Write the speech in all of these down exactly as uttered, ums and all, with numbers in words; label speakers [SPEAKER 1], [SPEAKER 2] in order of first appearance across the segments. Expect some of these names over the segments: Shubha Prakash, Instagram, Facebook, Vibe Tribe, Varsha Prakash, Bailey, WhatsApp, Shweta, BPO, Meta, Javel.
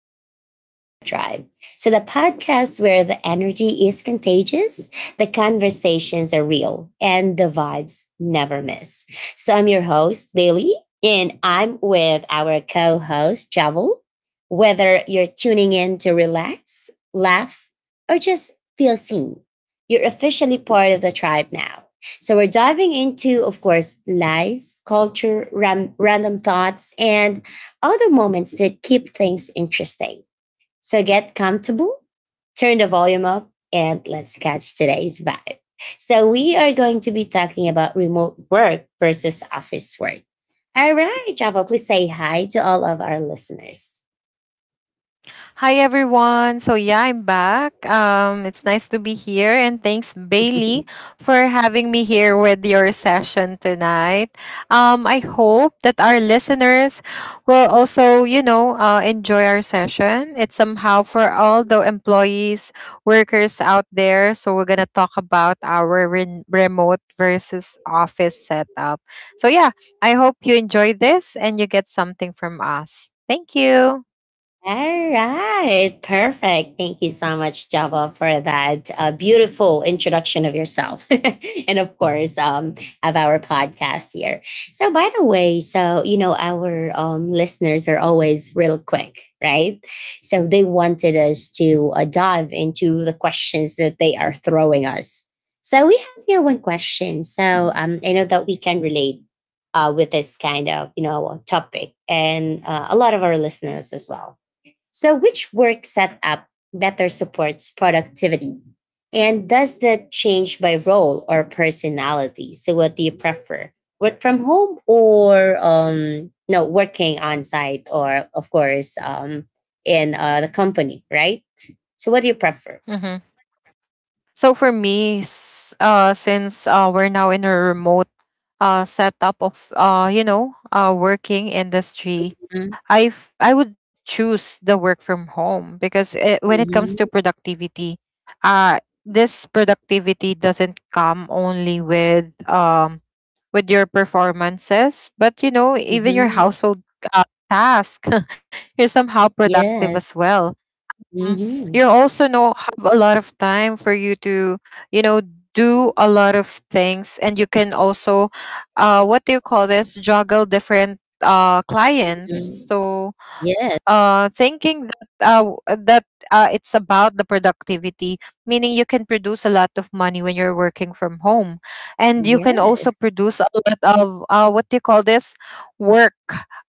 [SPEAKER 1] Welcome to the Vibe Tribe. So, the podcast where the energy is contagious, the conversations are real, and the vibes never miss. So, I'm your host, Bailey, and I'm with our co host, Javel. Whether you're tuning in to relax, laugh, or just feel seen, you're officially part of the tribe now. So, we're diving into, of course, life, culture, ram- random thoughts, and all the moments that keep things interesting. So get comfortable, turn the volume up, and let's catch today's vibe. So, we are going to be talking about remote work versus office work. All right, Java, please say hi to all of our listeners.
[SPEAKER 2] Hi everyone. So yeah, I'm back. Um it's nice to be here and thanks Bailey for having me here with your session tonight. Um I hope that our listeners will also, you know, uh, enjoy our session. It's somehow for all the employees, workers out there. So we're going to talk about our re- remote versus office setup. So yeah, I hope you enjoy this and you get something from us. Thank you.
[SPEAKER 1] All right, perfect. Thank you so much, Java, for that uh, beautiful introduction of yourself, and of course, um, of our podcast here. So, by the way, so you know, our um, listeners are always real quick, right? So they wanted us to uh, dive into the questions that they are throwing us. So we have here one question. So um, I know that we can relate uh, with this kind of you know topic and uh, a lot of our listeners as well, so which work setup better supports productivity? And does that change by role or personality? So, what do you prefer? Work from home or um, no, working on site or, of course, um, in uh, the company, right? So, what do you prefer?
[SPEAKER 2] Mhm. So for me, s- uh, since uh, we're now in a remote uh, setup of uh, you know uh, working industry,
[SPEAKER 1] Mhm,
[SPEAKER 2] I f- I would choose the work from home because it, when it comes to
[SPEAKER 1] mhm,
[SPEAKER 2] productivity, uh, this productivity doesn't come only with um, with your performances, but you know even your
[SPEAKER 1] mhm.
[SPEAKER 2] household uh, task, you're somehow productive as
[SPEAKER 1] Yes.
[SPEAKER 2] well. Mm. You
[SPEAKER 1] Mhm,
[SPEAKER 2] also know have a lot of time for you to, you know, do a lot of things, and you can also, uh, what do you call this? Juggle different uh clients.
[SPEAKER 1] mhm.
[SPEAKER 2] So,
[SPEAKER 1] Yes.
[SPEAKER 2] uh, thinking that, uh w- that uh it's about the productivity, meaning you can produce a lot of money when you're working from home, and you can also
[SPEAKER 1] Yes.
[SPEAKER 2] produce a lot of uh what do you call this? Work,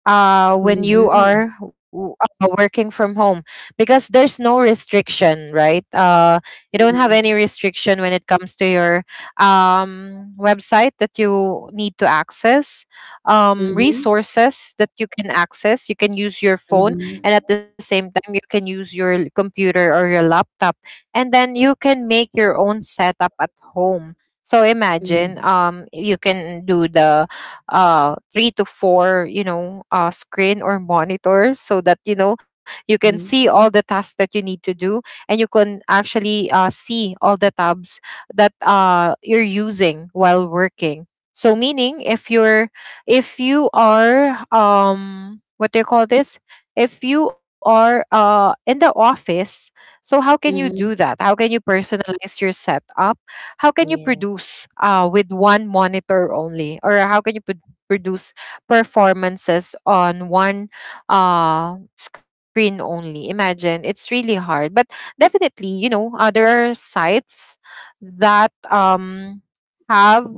[SPEAKER 2] uh, when you
[SPEAKER 1] Mhm,
[SPEAKER 2] are w- uh, working from home because there's no restriction, right? Uh you don't have
[SPEAKER 1] mhm,
[SPEAKER 2] any restriction when it comes to your um website that you need to access, um
[SPEAKER 1] mhm,
[SPEAKER 2] resources that you can access. You can use your phone,
[SPEAKER 1] mhm,
[SPEAKER 2] and at the same time you can use your l- computer or your laptop, and then you can make your own setup at home. So imagine,
[SPEAKER 1] mhm.
[SPEAKER 2] um you can do the uh three to four, you know uh screen or monitor, so that you know you can see
[SPEAKER 1] Mhm.
[SPEAKER 2] all the tasks that you need to do, and you can actually uh, see all the tabs that uh, you're using while working. So, meaning if you're if you are um what do you call this? If you are uh in the office, so how can you do
[SPEAKER 1] Mhm.
[SPEAKER 2] that? How can you personalize your setup? How can you
[SPEAKER 1] Yes.
[SPEAKER 2] produce uh with one monitor only, or how can you pro- produce performances on one uh screen only? Imagine, it's really hard. But definitely, you know, uh, there are sites that um have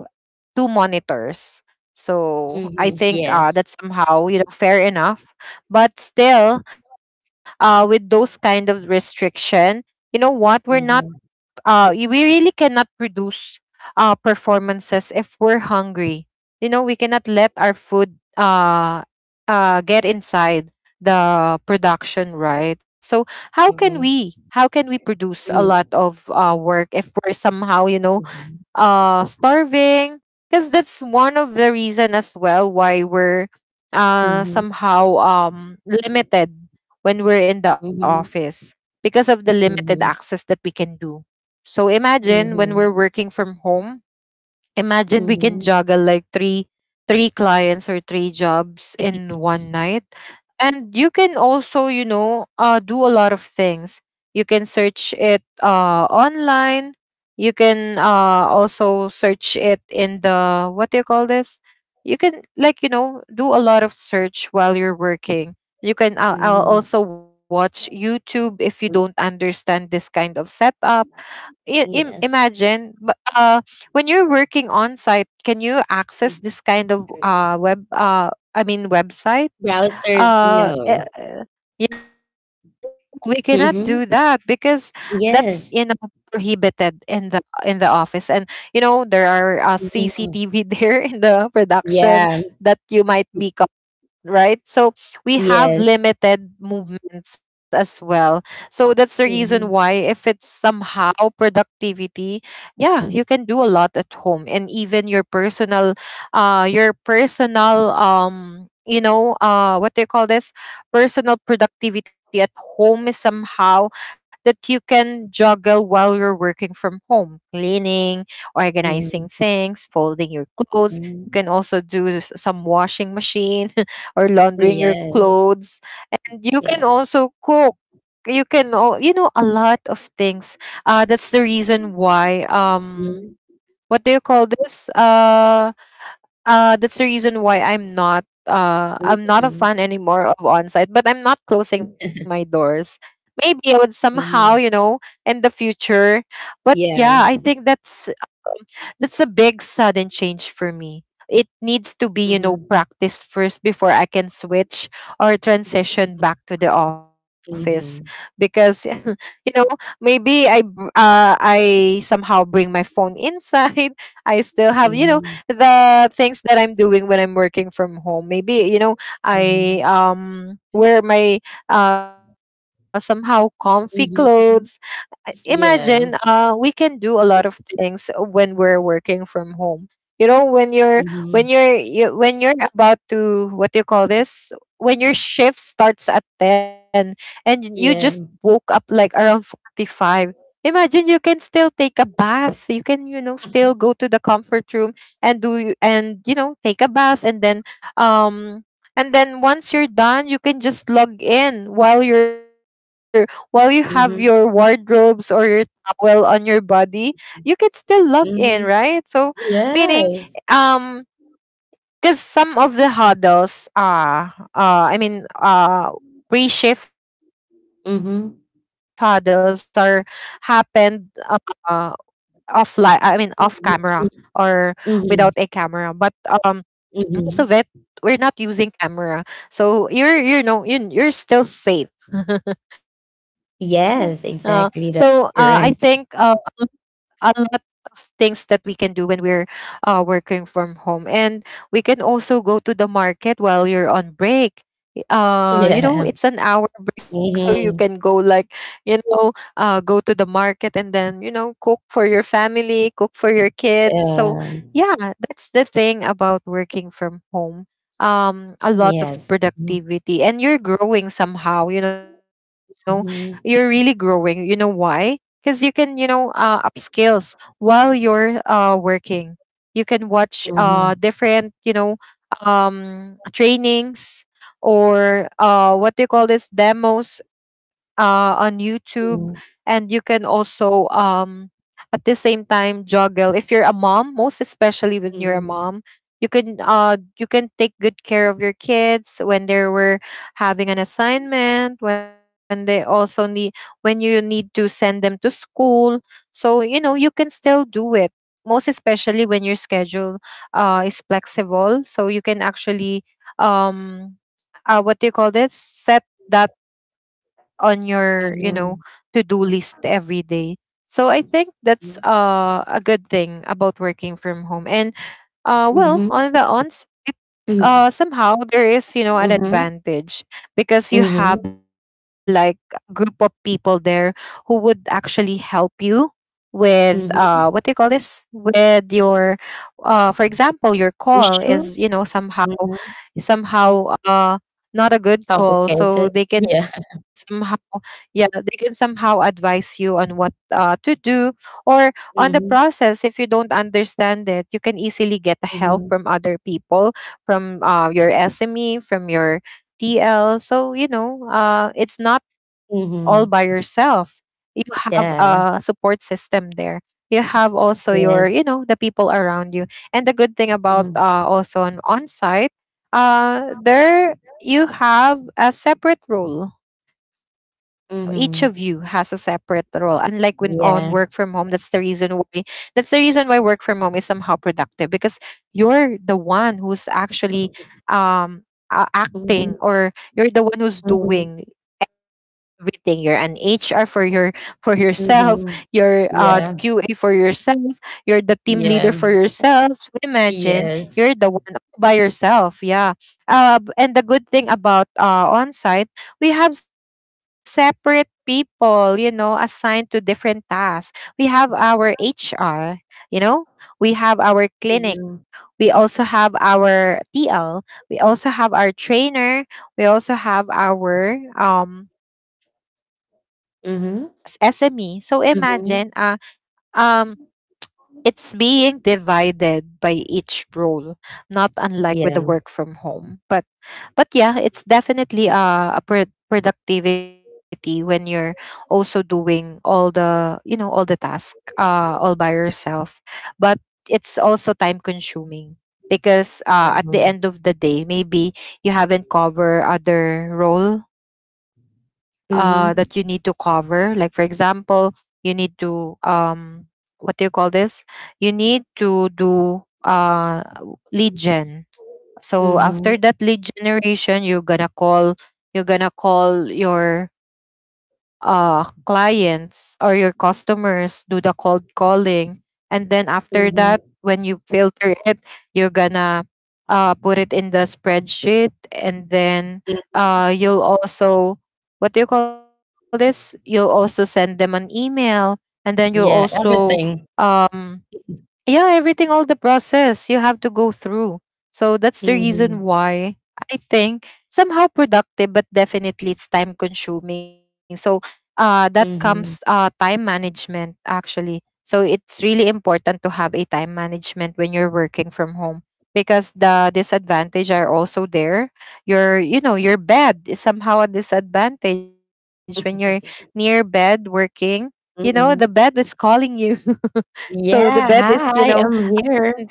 [SPEAKER 2] two monitors, so I
[SPEAKER 1] Mhm.
[SPEAKER 2] think uh
[SPEAKER 1] Yes.
[SPEAKER 2] that's somehow, you know, fair enough. But still, uh with those kind of restriction, you know what, we're not
[SPEAKER 1] Mhm.
[SPEAKER 2] uh y- we really cannot produce uh performances if we're hungry. You know, we cannot let our food uh uh get inside the production, right? So how can we
[SPEAKER 1] Mhm.
[SPEAKER 2] how can we produce a lot of uh work if we're somehow, you know,
[SPEAKER 1] Mhm.
[SPEAKER 2] uh starving? Because that's one of the reason as well why we're uh
[SPEAKER 1] Mhm.
[SPEAKER 2] somehow um limited when we're in the
[SPEAKER 1] Mhm.
[SPEAKER 2] office, because of the limited
[SPEAKER 1] Mhm.
[SPEAKER 2] access that we can do. So imagine when we're
[SPEAKER 1] Mhm.
[SPEAKER 2] working from home, imagine we can
[SPEAKER 1] Mhm.
[SPEAKER 2] juggle like three three clients or three jobs in one night. And you can also, you know, uh, do a lot of things. You can search it uh, online, you can uh, also search it in the, what do you call this, you can like, you know, do a lot of search while you're working. You can uh, uh,
[SPEAKER 1] Mhm.
[SPEAKER 2] also watch YouTube if you
[SPEAKER 1] Mhm.
[SPEAKER 2] don't understand this kind of setup. I- im-
[SPEAKER 1] Yes.
[SPEAKER 2] imagine, but, uh, when you're working on site, can you access
[SPEAKER 1] Mm.
[SPEAKER 2] this kind of uh, web uh, I mean website?
[SPEAKER 1] Browsers,
[SPEAKER 2] uh, eh,
[SPEAKER 1] no.
[SPEAKER 2] we cannot do that, because
[SPEAKER 1] Mhm.
[SPEAKER 2] that's, you know,
[SPEAKER 1] Yes.
[SPEAKER 2] prohibited in the office. And you know, there are, uh, C C T V there
[SPEAKER 1] Mhm.
[SPEAKER 2] in the production that
[SPEAKER 1] Yeah.
[SPEAKER 2] you might be, right? So we have
[SPEAKER 1] Yes.
[SPEAKER 2] limited relationships as well. So that's the reason why,
[SPEAKER 1] Mhm.
[SPEAKER 2] if it's somehow productivity, yeah, you can do a lot at home. And even your personal, uh your personal um you know uh what do you call this personal productivity at home is somehow that you can juggle while you're working from home: cleaning,
[SPEAKER 1] Mhm.
[SPEAKER 2] organizing things, folding your clothes. You
[SPEAKER 1] Mhm.
[SPEAKER 2] can also do some washing machine or laundering your
[SPEAKER 1] Yes.
[SPEAKER 2] clothes. You can
[SPEAKER 1] Yeah.
[SPEAKER 2] also cook. You can, all you know, a lot of things. Uh that's the reason why, um
[SPEAKER 1] Mhm.
[SPEAKER 2] what do you call this uh uh that's the reason why i'm not uh I'm not a
[SPEAKER 1] Mhm.
[SPEAKER 2] fan anymore of on-site. But I'm not closing my doors. Maybe I would somehow, you
[SPEAKER 1] Mhm.
[SPEAKER 2] know, in the future. But yeah, I
[SPEAKER 1] Yeah.
[SPEAKER 2] think that's that's a big sudden change for me. It needs to be, you know,
[SPEAKER 1] Mhm.
[SPEAKER 2] practice first before I can switch or transition back to the office,
[SPEAKER 1] Mhm.
[SPEAKER 2] because you know, maybe I br- uh I somehow bring my phone inside. I still have, you know,
[SPEAKER 1] Mhm.
[SPEAKER 2] the things that I'm doing when I'm working from home. Maybe, you know, I
[SPEAKER 1] Mhm.
[SPEAKER 2] um wear my uh somehow comfy clothes.
[SPEAKER 1] Mhm.
[SPEAKER 2] I- imagine, uh we
[SPEAKER 1] Yeah.
[SPEAKER 2] can do a lot of things when we're working from home. You know, when you're when you're
[SPEAKER 1] Mhm.
[SPEAKER 2] you, when you're about to, what do you call this, when your shift starts at ten and you just woke up
[SPEAKER 1] Yeah.
[SPEAKER 2] like around forty-five, imagine you can still take a bath. You can, you know, still go to the comfort room and do y- and you know take a bath, and then um and then once you're done you can just log in while you're, while you have
[SPEAKER 1] Mhm.
[SPEAKER 2] your wardrobes or your towel on your body, you could still log
[SPEAKER 1] Mhm.
[SPEAKER 2] in, right? So,
[SPEAKER 1] Yes.
[SPEAKER 2] meaning, um, because some of the huddles, uh, uh, I mean, uh, pre-shift huddles are
[SPEAKER 1] Mhm.
[SPEAKER 2] happened uh, uh, offline. I mean, off camera,
[SPEAKER 1] Mhm,
[SPEAKER 2] or
[SPEAKER 1] mhm.
[SPEAKER 2] without a camera.
[SPEAKER 1] Mhm.
[SPEAKER 2] But um, most of it,
[SPEAKER 1] Mhm.
[SPEAKER 2] we're not using camera, so you're you know you you're still safe. Uh, so
[SPEAKER 1] Yes,
[SPEAKER 2] uh, I think
[SPEAKER 1] exactly. That's
[SPEAKER 2] uh,
[SPEAKER 1] correct.
[SPEAKER 2] a lot of things that we can do when we're uh, working from home. And we can also go to the market while you're on break. Y- uh you know,
[SPEAKER 1] Yeah.
[SPEAKER 2] it's an hour break, so you can go
[SPEAKER 1] Mhm.
[SPEAKER 2] like, you know, uh, go to the market, and then you know cook for your family, cook for your kids. So
[SPEAKER 1] Yeah.
[SPEAKER 2] yeah, that's the thing about working from home. Um a lot of
[SPEAKER 1] Yes. Mhm.
[SPEAKER 2] productivity, and you're growing somehow, you know, you're really
[SPEAKER 1] Mhm.
[SPEAKER 2] growing. You know why? Because you can, you know, uh, upskills while you're uh, working. You can watch uh, different, you know, um, trainings, or uh, what do you call this, demos, uh, on YouTube. And
[SPEAKER 1] Mhm.
[SPEAKER 2] you can also um, at the same time juggle if you're a mom. Most especially when you're a mom,
[SPEAKER 1] Mhm.
[SPEAKER 2] you can uh you can take good care of your kids when they were having an assignment, when they also need, when you need to send them to school. So, you know, you can still do it. Most especially when your schedule uh, is flexible. So you can actually um uh, what do you call this? Set that on your, you know, to-do
[SPEAKER 1] Mhm.
[SPEAKER 2] list every day. So I think that's uh, a good thing about working from home. And uh,
[SPEAKER 1] Mhm.
[SPEAKER 2] well, on
[SPEAKER 1] Mhm.
[SPEAKER 2] the ons, it uh
[SPEAKER 1] Mhm.
[SPEAKER 2] somehow there is, you know, an
[SPEAKER 1] Mhm.
[SPEAKER 2] advantage, because you
[SPEAKER 1] Mhm.
[SPEAKER 2] have like a group of people there who would actually help you with, uh what do you call this, with your, uh for example
[SPEAKER 1] Mhm.
[SPEAKER 2] your call is,
[SPEAKER 1] Issue.
[SPEAKER 2] you know, somehow
[SPEAKER 1] Mhm.
[SPEAKER 2] somehow uh not a good call, so they
[SPEAKER 1] Complicated.
[SPEAKER 2] can
[SPEAKER 1] Yeah.
[SPEAKER 2] somehow, yeah, they can somehow advise you on what uh to do, or on the process.
[SPEAKER 1] Mhm.
[SPEAKER 2] If you don't understand it, you can easily get help from
[SPEAKER 1] Mhm.
[SPEAKER 2] other people, from uh, your SME, from your T L. So you know, uh, it's not all by
[SPEAKER 1] Mhm.
[SPEAKER 2] yourself. You have a support
[SPEAKER 1] Yeah.
[SPEAKER 2] system there. You have also your, you know, the
[SPEAKER 1] Yes.
[SPEAKER 2] people around you. And the good thing about,
[SPEAKER 1] Mhm.
[SPEAKER 2] uh, also on on site, uh, there you have a separate role. Each of you has a
[SPEAKER 1] Mhm.
[SPEAKER 2] separate role, unlike when on work from home. That's
[SPEAKER 1] Yeah.
[SPEAKER 2] the reason why that's the reason why work from home is somehow productive, because you're the one who's actually um uh, acting,
[SPEAKER 1] Mhm.
[SPEAKER 2] or you're the one who's
[SPEAKER 1] Mhm.
[SPEAKER 2] doing everything. You're an H R for your for yourself, you're
[SPEAKER 1] Mhm.
[SPEAKER 2] uh the Q A
[SPEAKER 1] Yeah.
[SPEAKER 2] for yourself, you're the team leader for
[SPEAKER 1] Yeah.
[SPEAKER 2] yourself. So imagine, you're
[SPEAKER 1] Yes.
[SPEAKER 2] the one all by yourself. Yeah. Uh, b- and the good thing about, uh, on we have separate people, you know, assigned to different tasks. We have our H R, you know, we have our clinic.
[SPEAKER 1] Mhm.
[SPEAKER 2] We also have our T L. We also have our trainer. We also have our um, s- SME. So
[SPEAKER 1] Mhm.
[SPEAKER 2] imagine, uh,
[SPEAKER 1] Mhm.
[SPEAKER 2] um, it's being divided by each role, not unlike with the work
[SPEAKER 1] Yeah.
[SPEAKER 2] from home. But yeah, it's definitely uh, a pro- productivity when you're also doing all the, you know, all the task, uh, all by yourself. But it's also time consuming because, uh, at the
[SPEAKER 1] Mhm.
[SPEAKER 2] end of the day, maybe you haven't covered other role uh, that you need to
[SPEAKER 1] Mhm.
[SPEAKER 2] cover. Like for example, you need to um what do you call this? You need to do uh lead gen. So
[SPEAKER 1] Mhm.
[SPEAKER 2] after that lead generation, you're gonna call you're gonna call your uh clients or your customers, do the cold calling. And then after that,
[SPEAKER 1] Mhm.
[SPEAKER 2] when you filter it, you're gonna uh put it in the spreadsheet, and then uh
[SPEAKER 1] Mhm.
[SPEAKER 2] you'll also, what do you call this? You'll also send them an email, and then you'll
[SPEAKER 1] Yeah,
[SPEAKER 2] also,
[SPEAKER 1] everything.
[SPEAKER 2] um yeah, everything, all the process you have to go through. So that's the reason
[SPEAKER 1] Mhm.
[SPEAKER 2] why I think somehow productive, but definitely it's time consuming. So uh that comes uh
[SPEAKER 1] Mhm.
[SPEAKER 2] time management, actually. So it's really important to have a time management when you're working from home, because the disadvantage are also there. Your you know your bed is somehow a disadvantage when you're near bed working. You know, the bed is
[SPEAKER 1] Mhm.
[SPEAKER 2] calling you. So the bed
[SPEAKER 1] Yeah,
[SPEAKER 2] is, you know,
[SPEAKER 1] hi, I'm here.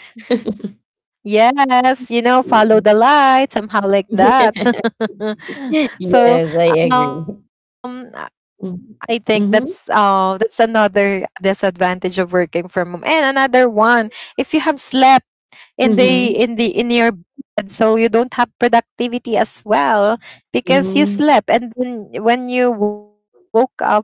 [SPEAKER 2] yes, you know, follow
[SPEAKER 1] Mhm.
[SPEAKER 2] the light, somehow like that. so
[SPEAKER 1] Yes, I
[SPEAKER 2] um
[SPEAKER 1] agree.
[SPEAKER 2] I think
[SPEAKER 1] Mhm.
[SPEAKER 2] that's uh
[SPEAKER 1] Mhm.
[SPEAKER 2] that's another disadvantage of working from home. And another one, if you have slept in the in the
[SPEAKER 1] Mhm,
[SPEAKER 2] in your bed, so you don't have productivity as well, because you
[SPEAKER 1] mhm,
[SPEAKER 2] slept, and then when you woke up,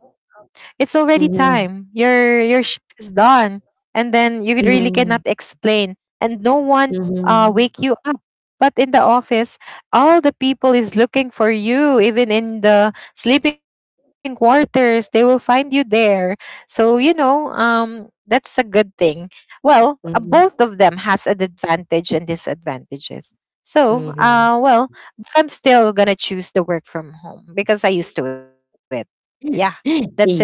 [SPEAKER 2] it's already time.
[SPEAKER 1] mhm,
[SPEAKER 2] Your your shift is done, and then you really cannot
[SPEAKER 1] mhm,
[SPEAKER 2] explain, and no one uh wake
[SPEAKER 1] mhm,
[SPEAKER 2] you up. But in the office, all the people is looking for you. Even in the sleeping quarters, they will find you there. So you know, um, that's a good thing. Well, uh, both of
[SPEAKER 1] mhm,
[SPEAKER 2] them has an advantage and disadvantages. So, uh,
[SPEAKER 1] mhm.
[SPEAKER 2] well, I'm still gonna choose the work from home because I used to it. Yeah. That's it for
[SPEAKER 1] Yes,
[SPEAKER 2] me.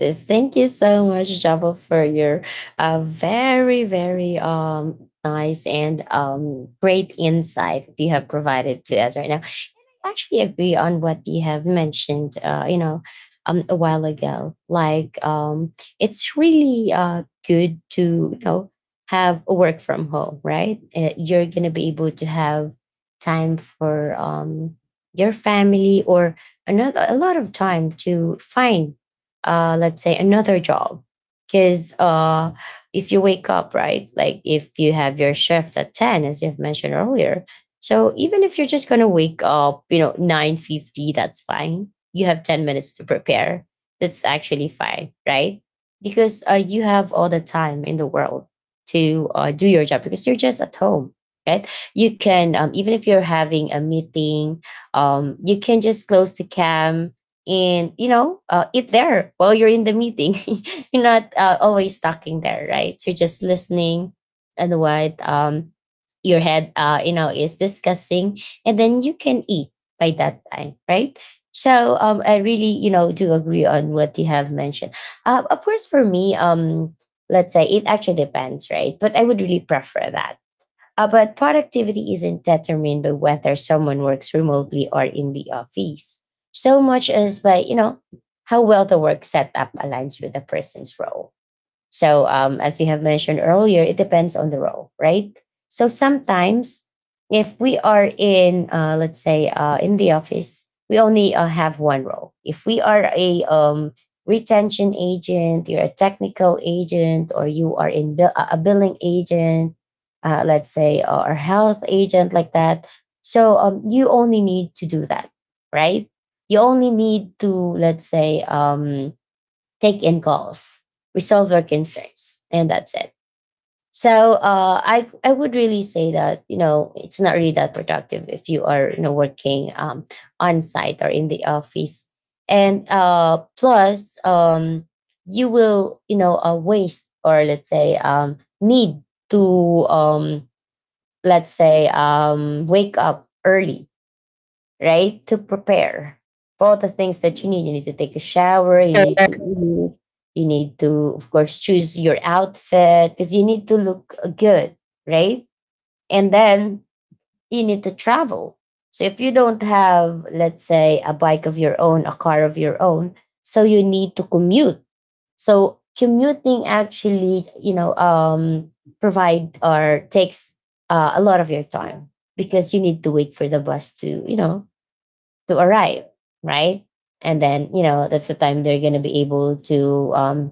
[SPEAKER 1] yes, thank you so much, Java, for your uh, very, very um nice and um great insight that you have provided to us right now. Actually agree on what you have mentioned uh, you know um, a while ago, like um, it's really uh, good to you know have a work from home, right? Uh, you're gonna be able to have time for um, your family or another a lot of time to find uh, let's say another job because uh, if you wake up, right? Like if you have your shift at ten as you have mentioned earlier, so even if you're just going to wake up, you know, nine fifty, that's fine. You have ten minutes to prepare. That's actually fine, right? Because uh, you have all the time in the world to uh, do your job because you're just at home, right? You can um, even if you're having a meeting, um, you can just close the cam and you know uh, eat there while you're in the meeting. You're not uh, always talking there, right? So you're just listening and what um your head uh you know is discussing, and then you can eat by that time, right? So um I really you know do agree on what you have mentioned. Uh, of course, for me, um let's say it actually depends, right? But I would really prefer that. Uh, but productivity isn't determined by whether someone works remotely or in the office so much as by you know how well the work setup aligns with the person's role. So, um, as you have mentioned earlier, it depends on the role, right? So sometimes, if we are in, uh, let's say, uh, in the office, we only uh, have one role. If we are a um, retention agent, you're a technical agent, or you are in bill- a a billing agent, uh, let's say, uh, or health agent, like that. So um, you only need to do that, right? You only need to, let's say, um, take in calls, resolve their concerns, and that's it. So uh, I I would really say that you know it's not really that productive if you are you know working um, on site or in the office, and uh, plus um, you will you know uh, waste or let's say um, need to um, let's say um, wake up early, right? To prepare for all the things that you need. You need to take a shower, you need to eat, you need to, of course, choose your outfit because you need to look uh, good, right? And then you need to travel. So if you don't have, let's say, a bike of your own, a car of your own, so you need to commute. So commuting actually, you know, um, provide or takes uh, a lot of your time because you need to wait for the bus to, you know, to arrive, right? And then, you know, that's the time they're going to be able to, um,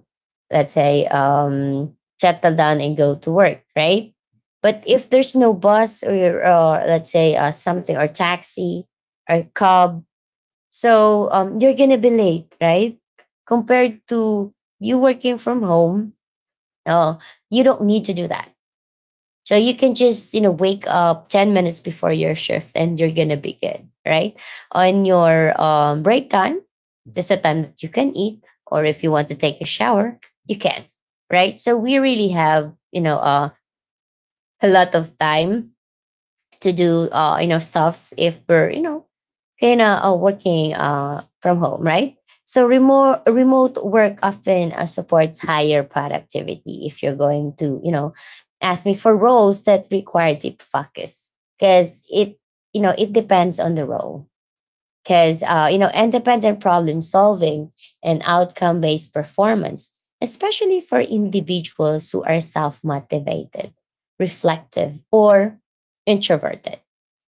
[SPEAKER 1] let's say, um, settle down and go to work, right? But if there's no bus or, uh, let's say, uh, something or taxi or cab, so um, you're going to be late, right? Compared to you working from home, uh, you don't need to do that, so you can just, you know, wake up ten minutes before your shift and you're going to be good, right? On your um, break time, there's a time that you can eat, or if you want to take a shower, you can, right? So we really have, you know, uh, a lot of time to do uh, you know stuffs if we're you know kind of uh, working uh, from home, right? So remote remote work often uh, supports higher productivity if you're going to you know ask me for roles that require deep focus because it you know it depends on the role because uh, you know independent problem solving and outcome based performance, especially for individuals who are self motivated, reflective, or introverted.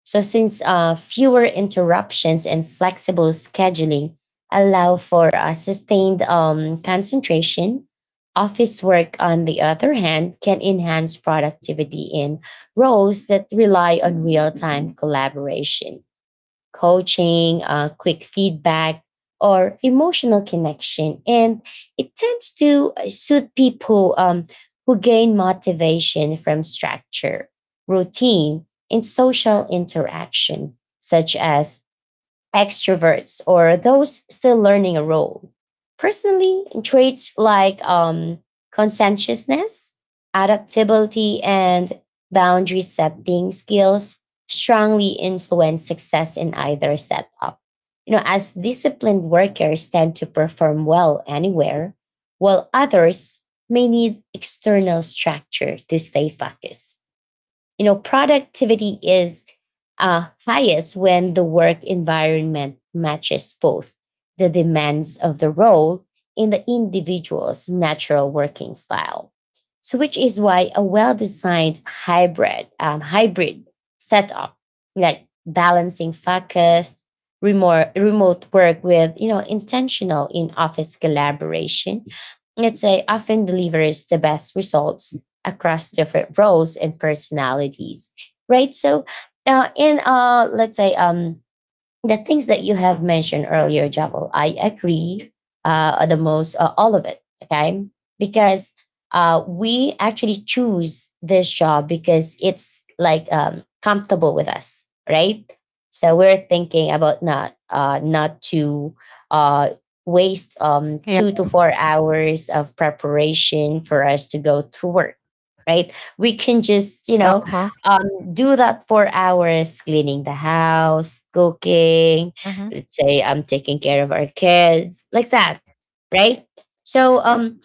[SPEAKER 1] So since uh, fewer interruptions and flexible scheduling allow for a sustained um, concentration. Office work on the other hand can enhance productivity in roles that rely on real-time collaboration, coaching, uh, quick feedback, or emotional connection. And it tends to uh, suit people um, who gain motivation from structure, routine, and social interaction, such as extroverts or those still learning a role. Personally, traits like um, conscientiousness, adaptability, and boundary setting skills strongly influence success in either setup. You know, as disciplined workers tend to perform well anywhere, while others may need external structure to stay focused. You know, productivity is uh, highest when the work environment matches both the demands of the role and the individual's natural working style. So, which is why a well designed hybrid, um, hybrid setup, like balancing focused, remote, remote work with you know intentional in office collaboration, let's say, often delivers the best results across different roles and personalities, right? So uh, in uh, let's say um, the things that you have mentioned earlier, Jabal, I agree uh, the most, uh, all of it. Okay, because uh, we actually choose this job because it's like um, comfortable with us, right? So we're thinking about not uh, not to uh, waste
[SPEAKER 2] Yeah.
[SPEAKER 1] um, two to four hours of preparation for us to go to work, right? We can just you know
[SPEAKER 2] Uh-huh.
[SPEAKER 1] uh, do that for hours, cleaning the house, cooking,
[SPEAKER 2] Mm-hmm.
[SPEAKER 1] let's say I'm taking care of our kids, like that, right? So Yeah. um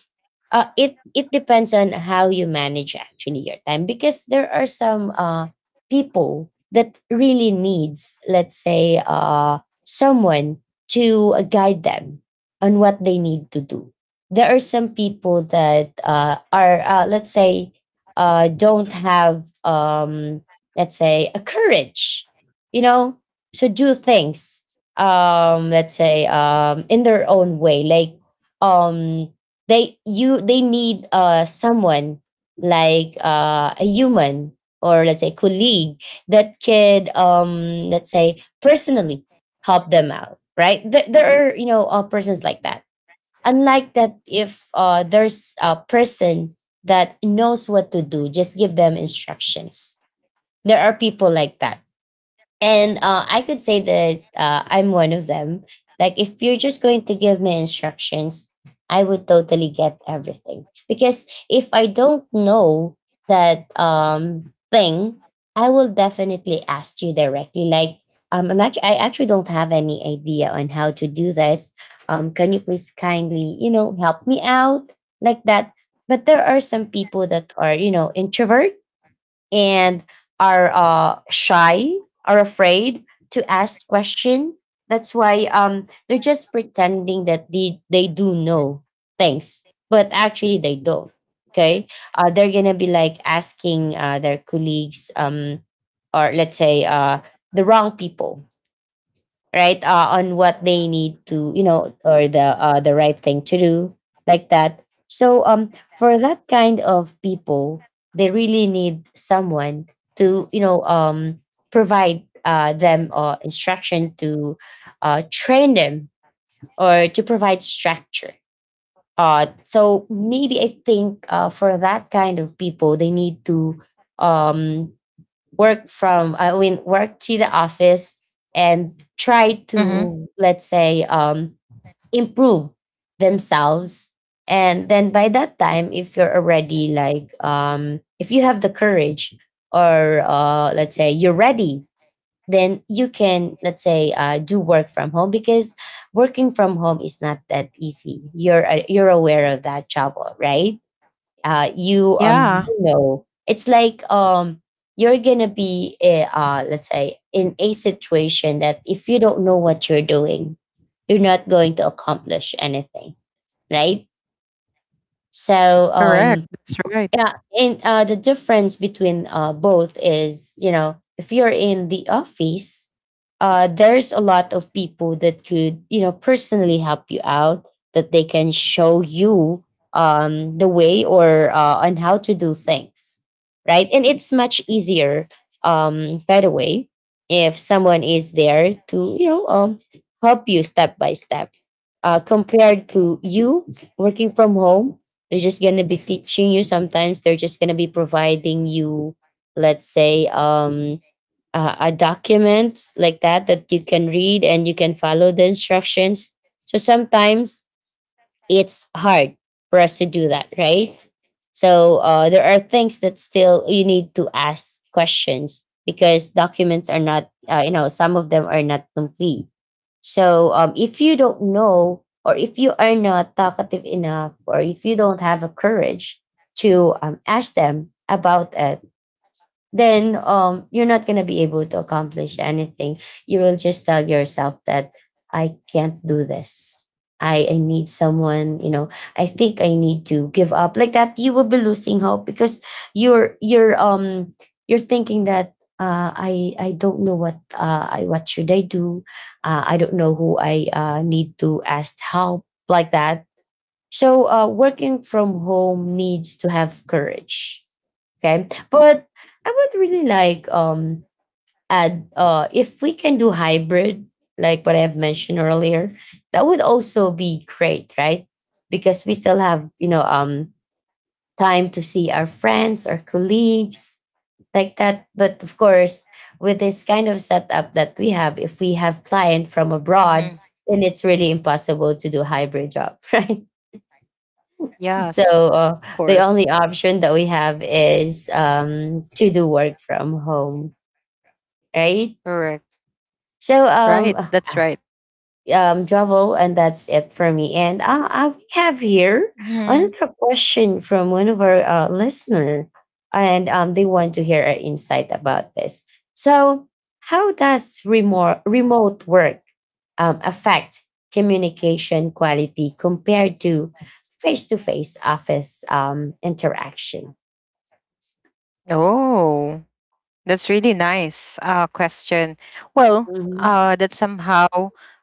[SPEAKER 1] uh, it it depends on how you manage actually your time because there are some uh, people that really needs, let's say, uh, someone to uh, guide them on what they need to do. There are some people that uh, are uh, let's say uh, don't have um, let's say a courage, you know, to do things, um, let's say, um, in their own way, like um, they you they need uh someone like uh a human or let's say colleague that could um let's say personally help them out, right? Th- there Mhm. are you know uh, persons like that, unlike that if uh there's a person that knows what to do, just give them instructions. There are people like that, and uh, I could say that uh, I'm one of them. Like, if you're just going to give me instructions, I would totally get everything. Because if I don't know that um, thing, I will definitely ask you directly. Like, um, I'm actually, I actually don't have any idea on how to do this. Um, can you please kindly, you know, help me out like that? But there are some people that are, you know, introverts and are uh, shy, are afraid to ask question. That's why um, they're just pretending that they, they do know things, but actually they don't. Okay, uh, they're gonna be like asking uh, their colleagues, um, or let's say uh, the wrong people, right, uh, on what they need to, you know or the uh, the right thing to do, like that. So um for that kind of people they really need someone to, you know um provide uh, them uh, instruction, to uh, train them or to provide structure. Uh, so maybe I think, uh, for that kind of people they need to um work from I mean, work to the office and try
[SPEAKER 2] Mm-hmm.
[SPEAKER 1] to, let's say, um improve themselves. And then by that time, if you're already like, um if you have the courage, or uh let's say you're ready, then you can, let's say, uh, do work from home, because working from home is not that easy. You're uh, you're aware of that trouble, right? Uh, you um you
[SPEAKER 2] Yeah.
[SPEAKER 1] know it's like, um you're gonna be, eh, uh let's say, in a situation that if you don't know what you're doing, you're not going to accomplish anything, right? So um
[SPEAKER 2] Correct. That's
[SPEAKER 1] yeah.
[SPEAKER 2] right.
[SPEAKER 1] And uh the difference between uh both is, you know, if you're in the office, uh there's a lot of people that could, you know personally help you out, that they can show you um the way, or uh on how to do things, right? And it's much easier, um by the way, if someone is there to, you know um help you step by step, uh compared to you working from home. They're just gonna be teaching you. Sometimes they're just gonna be providing you, let's say, um, uh, a document like that that you can read and you can follow the instructions. So sometimes it's hard for us to do that, right? So uh, there are things that still you need to ask questions, because documents are not, uh, you know, some of them are not complete. So um, if you don't know, or if you are not talkative enough, or if you don't have a courage to um, ask them about it, then um you're not going to be able to accomplish anything. You will just tell yourself that I can't do this. I i need someone, you know I think I need to give up, like that. You will be losing hope because you're you're um you're thinking that uh, I I don't know what uh, I what should I do. Uh, I don't know who I uh, need to ask help, like that. So uh, working from home needs to have courage. Okay. But I would really like, um add, uh if we can do hybrid, like what I've mentioned earlier, that would also be great, right? Because we still have, you know, um time to see our friends, our colleagues, like that. But of course, with this kind of setup that we have, if we have client from abroad,
[SPEAKER 2] Mm-hmm.
[SPEAKER 1] then it's really impossible to do hybrid job, right? So
[SPEAKER 2] Yes.
[SPEAKER 1] uh,
[SPEAKER 2] Of
[SPEAKER 1] the
[SPEAKER 2] course.
[SPEAKER 1] only option that we have is um, to do work from home, right?
[SPEAKER 2] Correct.
[SPEAKER 1] So
[SPEAKER 2] Right.
[SPEAKER 1] um,
[SPEAKER 2] That's right.
[SPEAKER 1] um, Jovel, and that's it for me. And I, I have here
[SPEAKER 2] Mm-hmm.
[SPEAKER 1] another question from one of our uh, listener, and um, they want to hear our insight about this. So, how does remote remote work um, affect communication quality compared to face to face office um, interaction?
[SPEAKER 2] Oh. That's really nice uh, question. Well, uh,
[SPEAKER 1] Mhm.
[SPEAKER 2] that somehow,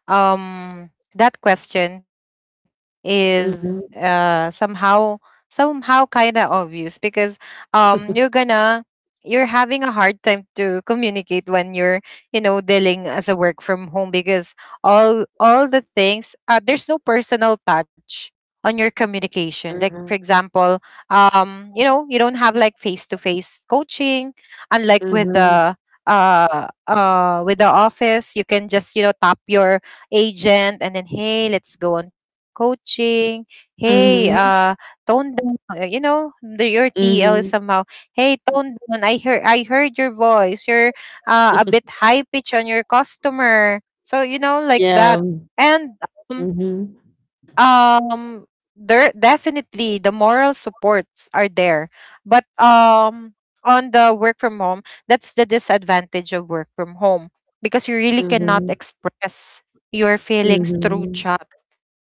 [SPEAKER 2] um, that question is, uh,
[SPEAKER 1] Mhm.
[SPEAKER 2] somehow, somehow kind of obvious, because um, you're gonna you're having a hard time to communicate when you're, you know, dealing as a work from home, because all all the things, uh, there's no personal touch on your communication. Like for
[SPEAKER 1] Mhm.
[SPEAKER 2] example, um you know, you don't have like face to face coaching, unlike with
[SPEAKER 1] Mhm.
[SPEAKER 2] the, uh uh with the office. You can just, you know, tap your agent and then, "Hey, let's go on coaching, hey,
[SPEAKER 1] Mhm.
[SPEAKER 2] uh tone down," uh, you know, the, your TL is
[SPEAKER 1] Mhm.
[SPEAKER 2] somehow, "Hey, tone down, i heard i heard your voice. You're uh, a bit high pitch on your customer," so you know,
[SPEAKER 1] Yeah.
[SPEAKER 2] like that. And,
[SPEAKER 1] Mhm.
[SPEAKER 2] um, um there definitely the moral supports are there. But um on the work from home, that's the disadvantage of work from home, because you really cannot
[SPEAKER 1] Mhm.
[SPEAKER 2] express your feelings through
[SPEAKER 1] Mhm.
[SPEAKER 2] chat.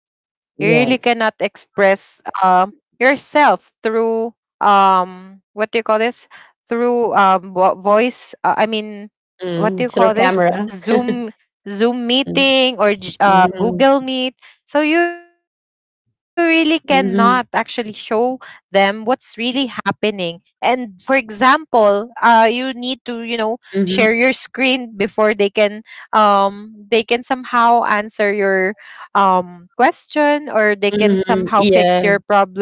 [SPEAKER 2] You really cannot
[SPEAKER 1] Yes.
[SPEAKER 2] express um yourself through, um what do you call this? Through um vo- voice. Uh, I mean, what do
[SPEAKER 1] Mm.
[SPEAKER 2] you
[SPEAKER 1] Through
[SPEAKER 2] call this?
[SPEAKER 1] camera.
[SPEAKER 2] Zoom Zoom
[SPEAKER 1] Mm.
[SPEAKER 2] meeting, or j- uh,
[SPEAKER 1] Mhm.
[SPEAKER 2] Google Meet. So you really cannot actually show
[SPEAKER 1] Mhm.
[SPEAKER 2] them what's really happening. And for example, uh, you need to, you know, share your
[SPEAKER 1] Mhm.
[SPEAKER 2] screen before they can, um they can somehow answer your um question, or they can somehow
[SPEAKER 1] Mhm.
[SPEAKER 2] fix your
[SPEAKER 1] Yeah.
[SPEAKER 2] problem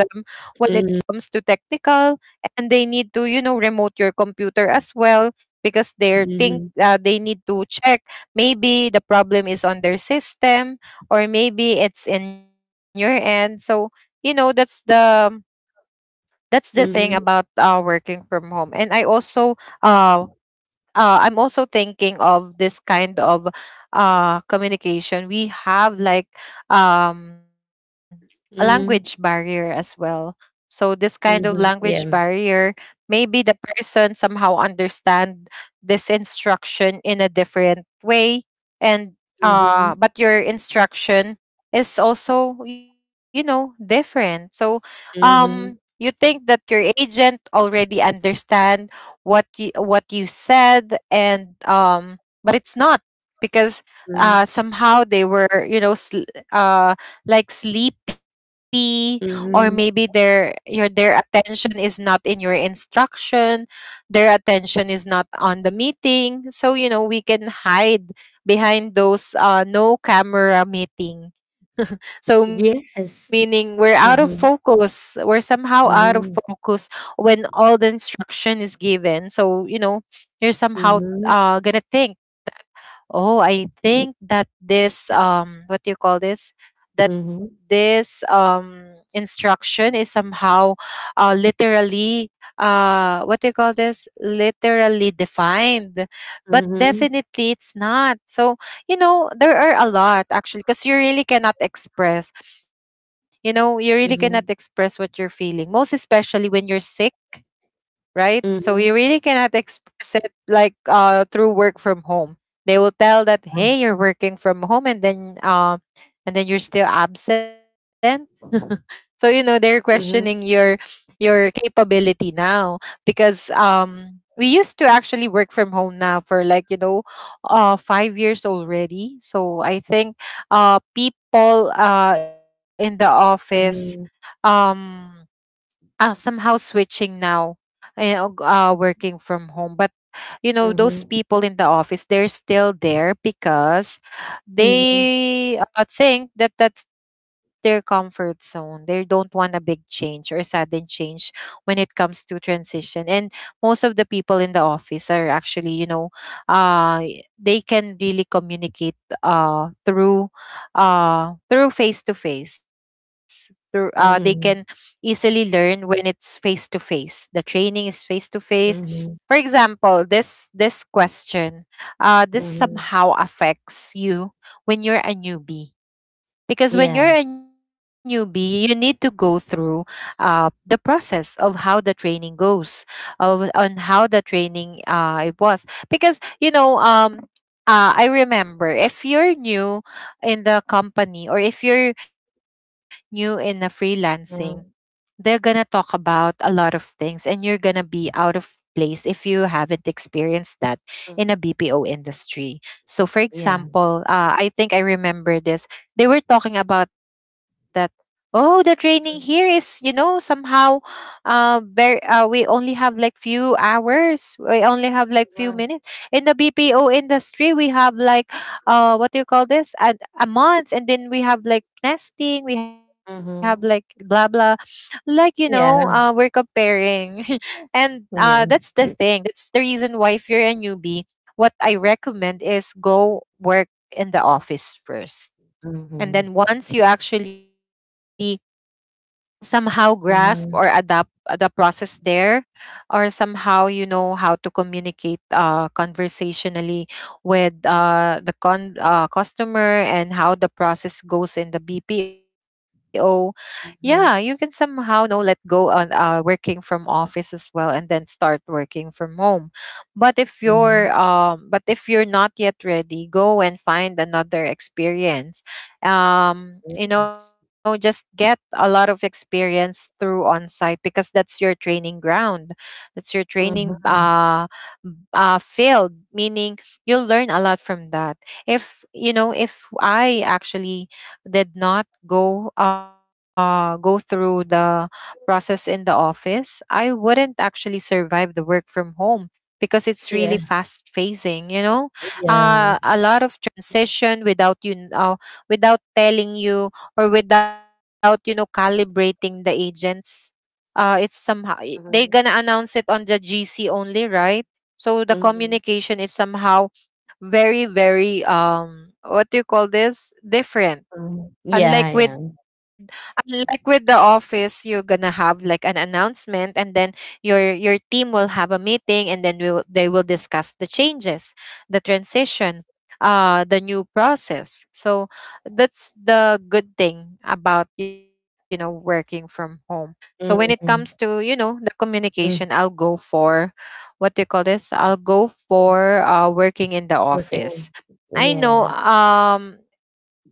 [SPEAKER 2] when it
[SPEAKER 1] Mhm.
[SPEAKER 2] comes to technical, and they need to, you know, remote your computer as well, because they're
[SPEAKER 1] Mhm.
[SPEAKER 2] think, uh, they need to check, maybe the problem is on their system, or maybe it's in your end. So you know, that's the that's the thing
[SPEAKER 1] Mhm.
[SPEAKER 2] about uh, working from home. And I also, uh, uh, I'm also thinking of this kind of uh, communication. We have like, um, a language
[SPEAKER 1] Mhm.
[SPEAKER 2] barrier as well. So this kind of language
[SPEAKER 1] Mhm. Yeah.
[SPEAKER 2] barrier, maybe the person somehow understand this instruction in a different way, and, uh,
[SPEAKER 1] Mhm.
[SPEAKER 2] but your instruction is also, you know, different. So um, you
[SPEAKER 1] Mhm.
[SPEAKER 2] think that your agent already understand what you what you said, and um but it's not, because
[SPEAKER 1] Mhm.
[SPEAKER 2] uh somehow they were, you know, sl- uh like sleepy, or maybe
[SPEAKER 1] Mhm.
[SPEAKER 2] their your their attention is not in your instruction, their attention is not on the meeting. So you know, we can hide behind those uh no camera meeting, so
[SPEAKER 1] Yes.
[SPEAKER 2] meaning we're out of
[SPEAKER 1] Mhm.
[SPEAKER 2] focus. We're somehow out of
[SPEAKER 1] Mhm.
[SPEAKER 2] focus when all the instruction is given. So, you know, you're somehow
[SPEAKER 1] Mhm.
[SPEAKER 2] uh gonna think, "Oh, I think that this, um what do you call this? That
[SPEAKER 1] Mhm.
[SPEAKER 2] this, um instruction is somehow uh literally, uh what do you call this? Literally defined." But
[SPEAKER 1] Mhm.
[SPEAKER 2] definitely it's not. So, you know, there are a lot, actually, because you really cannot express, you know, you really cannot
[SPEAKER 1] Mhm.
[SPEAKER 2] express what you're feeling, most especially when you're sick, right? So
[SPEAKER 1] Mhm,
[SPEAKER 2] you really cannot express it, like, uh through work from home. They will tell that, "Hey, you're working from home, and then, um and then you're still absent." So you know, they're
[SPEAKER 1] mhm,
[SPEAKER 2] questioning your your capability now, because um we used to actually work from home now for like, you know, uh five years already. So I think uh people uh in the office,
[SPEAKER 1] mhm,
[SPEAKER 2] um uh, somehow switching now, eh, uh, uh, working from home. But you know, those
[SPEAKER 1] mhm,
[SPEAKER 2] people in the office, they're still there because
[SPEAKER 1] mhm,
[SPEAKER 2] they, uh, think that that's their comfort zone. They don't want a big change or a sudden change when it comes to transition. And most of the people in the office are actually, you know, uh y- they can really communicate uh through, uh through face to face, through, uh they can
[SPEAKER 1] mhm,
[SPEAKER 2] easily learn when it's face to face. The training is face to face. For
[SPEAKER 1] mhm,
[SPEAKER 2] example, this this question, uh, this
[SPEAKER 1] mhm.
[SPEAKER 2] somehow affects you when you're a newbie. Because when you're
[SPEAKER 1] Yeah,
[SPEAKER 2] a newbie, you need to go through uh, the process of how the training goes, of, on how the training, uh, it was. Because you know, um, uh, I remember if you're new in the company, or if you're new in the freelancing, they're
[SPEAKER 1] mhm,
[SPEAKER 2] gonna talk about a lot of things, and you're gonna be out of place if you haven't experienced that in a
[SPEAKER 1] mm,
[SPEAKER 2] B P O industry. So for
[SPEAKER 1] yeah.
[SPEAKER 2] example, uh, I think I remember this. They were talking about that, "Oh, the training here is, you know, somehow, uh, very, uh we only have like few hours. We only have like few minutes.
[SPEAKER 1] Mhm,
[SPEAKER 2] In the B P O industry, we have like, uh what do you call this? A, a month, and then we have like nesting, we have like blah
[SPEAKER 1] mhm.
[SPEAKER 2] blah, like you know, uh, we're
[SPEAKER 1] Yeah,
[SPEAKER 2] comparing." And, uh, that's the
[SPEAKER 1] yeah.
[SPEAKER 2] thing, that's the reason why, if you're a newbie, what i recommend is go work in the office first, and then
[SPEAKER 1] Mhm,
[SPEAKER 2] once you actually somehow grasp or adapt,
[SPEAKER 1] mhm,
[SPEAKER 2] uh, the process there, or somehow you know how to communicate, uh, conversationally with, uh, the con- uh, customer, and how the process goes in the BPO. Yeah, you can
[SPEAKER 1] mhm,
[SPEAKER 2] somehow know, let go on, uh, working from office as well, and then start working from home. But if you're,
[SPEAKER 1] mhm.
[SPEAKER 2] um, but if you're not yet ready, go and find another experience. Um, you know,
[SPEAKER 1] Yes.
[SPEAKER 2] just get a lot of experience through on site, because that's your training ground, that's your training,
[SPEAKER 1] Mhm.
[SPEAKER 2] uh, uh, failed, meaning you'll learn a lot from that. If you know, if i actually did not go uh, go through the process in the office, I wouldn't actually survive the work from home, because it's really
[SPEAKER 1] Yeah,
[SPEAKER 2] fast phasing. You know, uh,
[SPEAKER 1] yeah.
[SPEAKER 2] a lot of transition without, you kn- uh, without telling you, or without, you know, calibrating the agents, uh, it's somehow, eh, they gonna announce
[SPEAKER 1] Mhm,
[SPEAKER 2] it on the G C only, right? So the
[SPEAKER 1] mhm,
[SPEAKER 2] communication is somehow very, very, um what do you call this? Different.
[SPEAKER 1] mhm.
[SPEAKER 2] Unlike
[SPEAKER 1] Yeah,
[SPEAKER 2] with
[SPEAKER 1] yeah.
[SPEAKER 2] unlike with the office, you're gonna have like an announcement, and then your your team will have a meeting, and then will they will discuss the changes, the transition, uh, the new process. So that's the good thing about, you know, working from home. So when it comes to, you
[SPEAKER 1] Mhm,
[SPEAKER 2] know, the communication, I'll
[SPEAKER 1] mhm,
[SPEAKER 2] go for, what do you call this? I'll go
[SPEAKER 1] mhm.
[SPEAKER 2] for uh, working in the office.
[SPEAKER 1] Working.
[SPEAKER 2] I know.
[SPEAKER 1] Yes.
[SPEAKER 2] Um,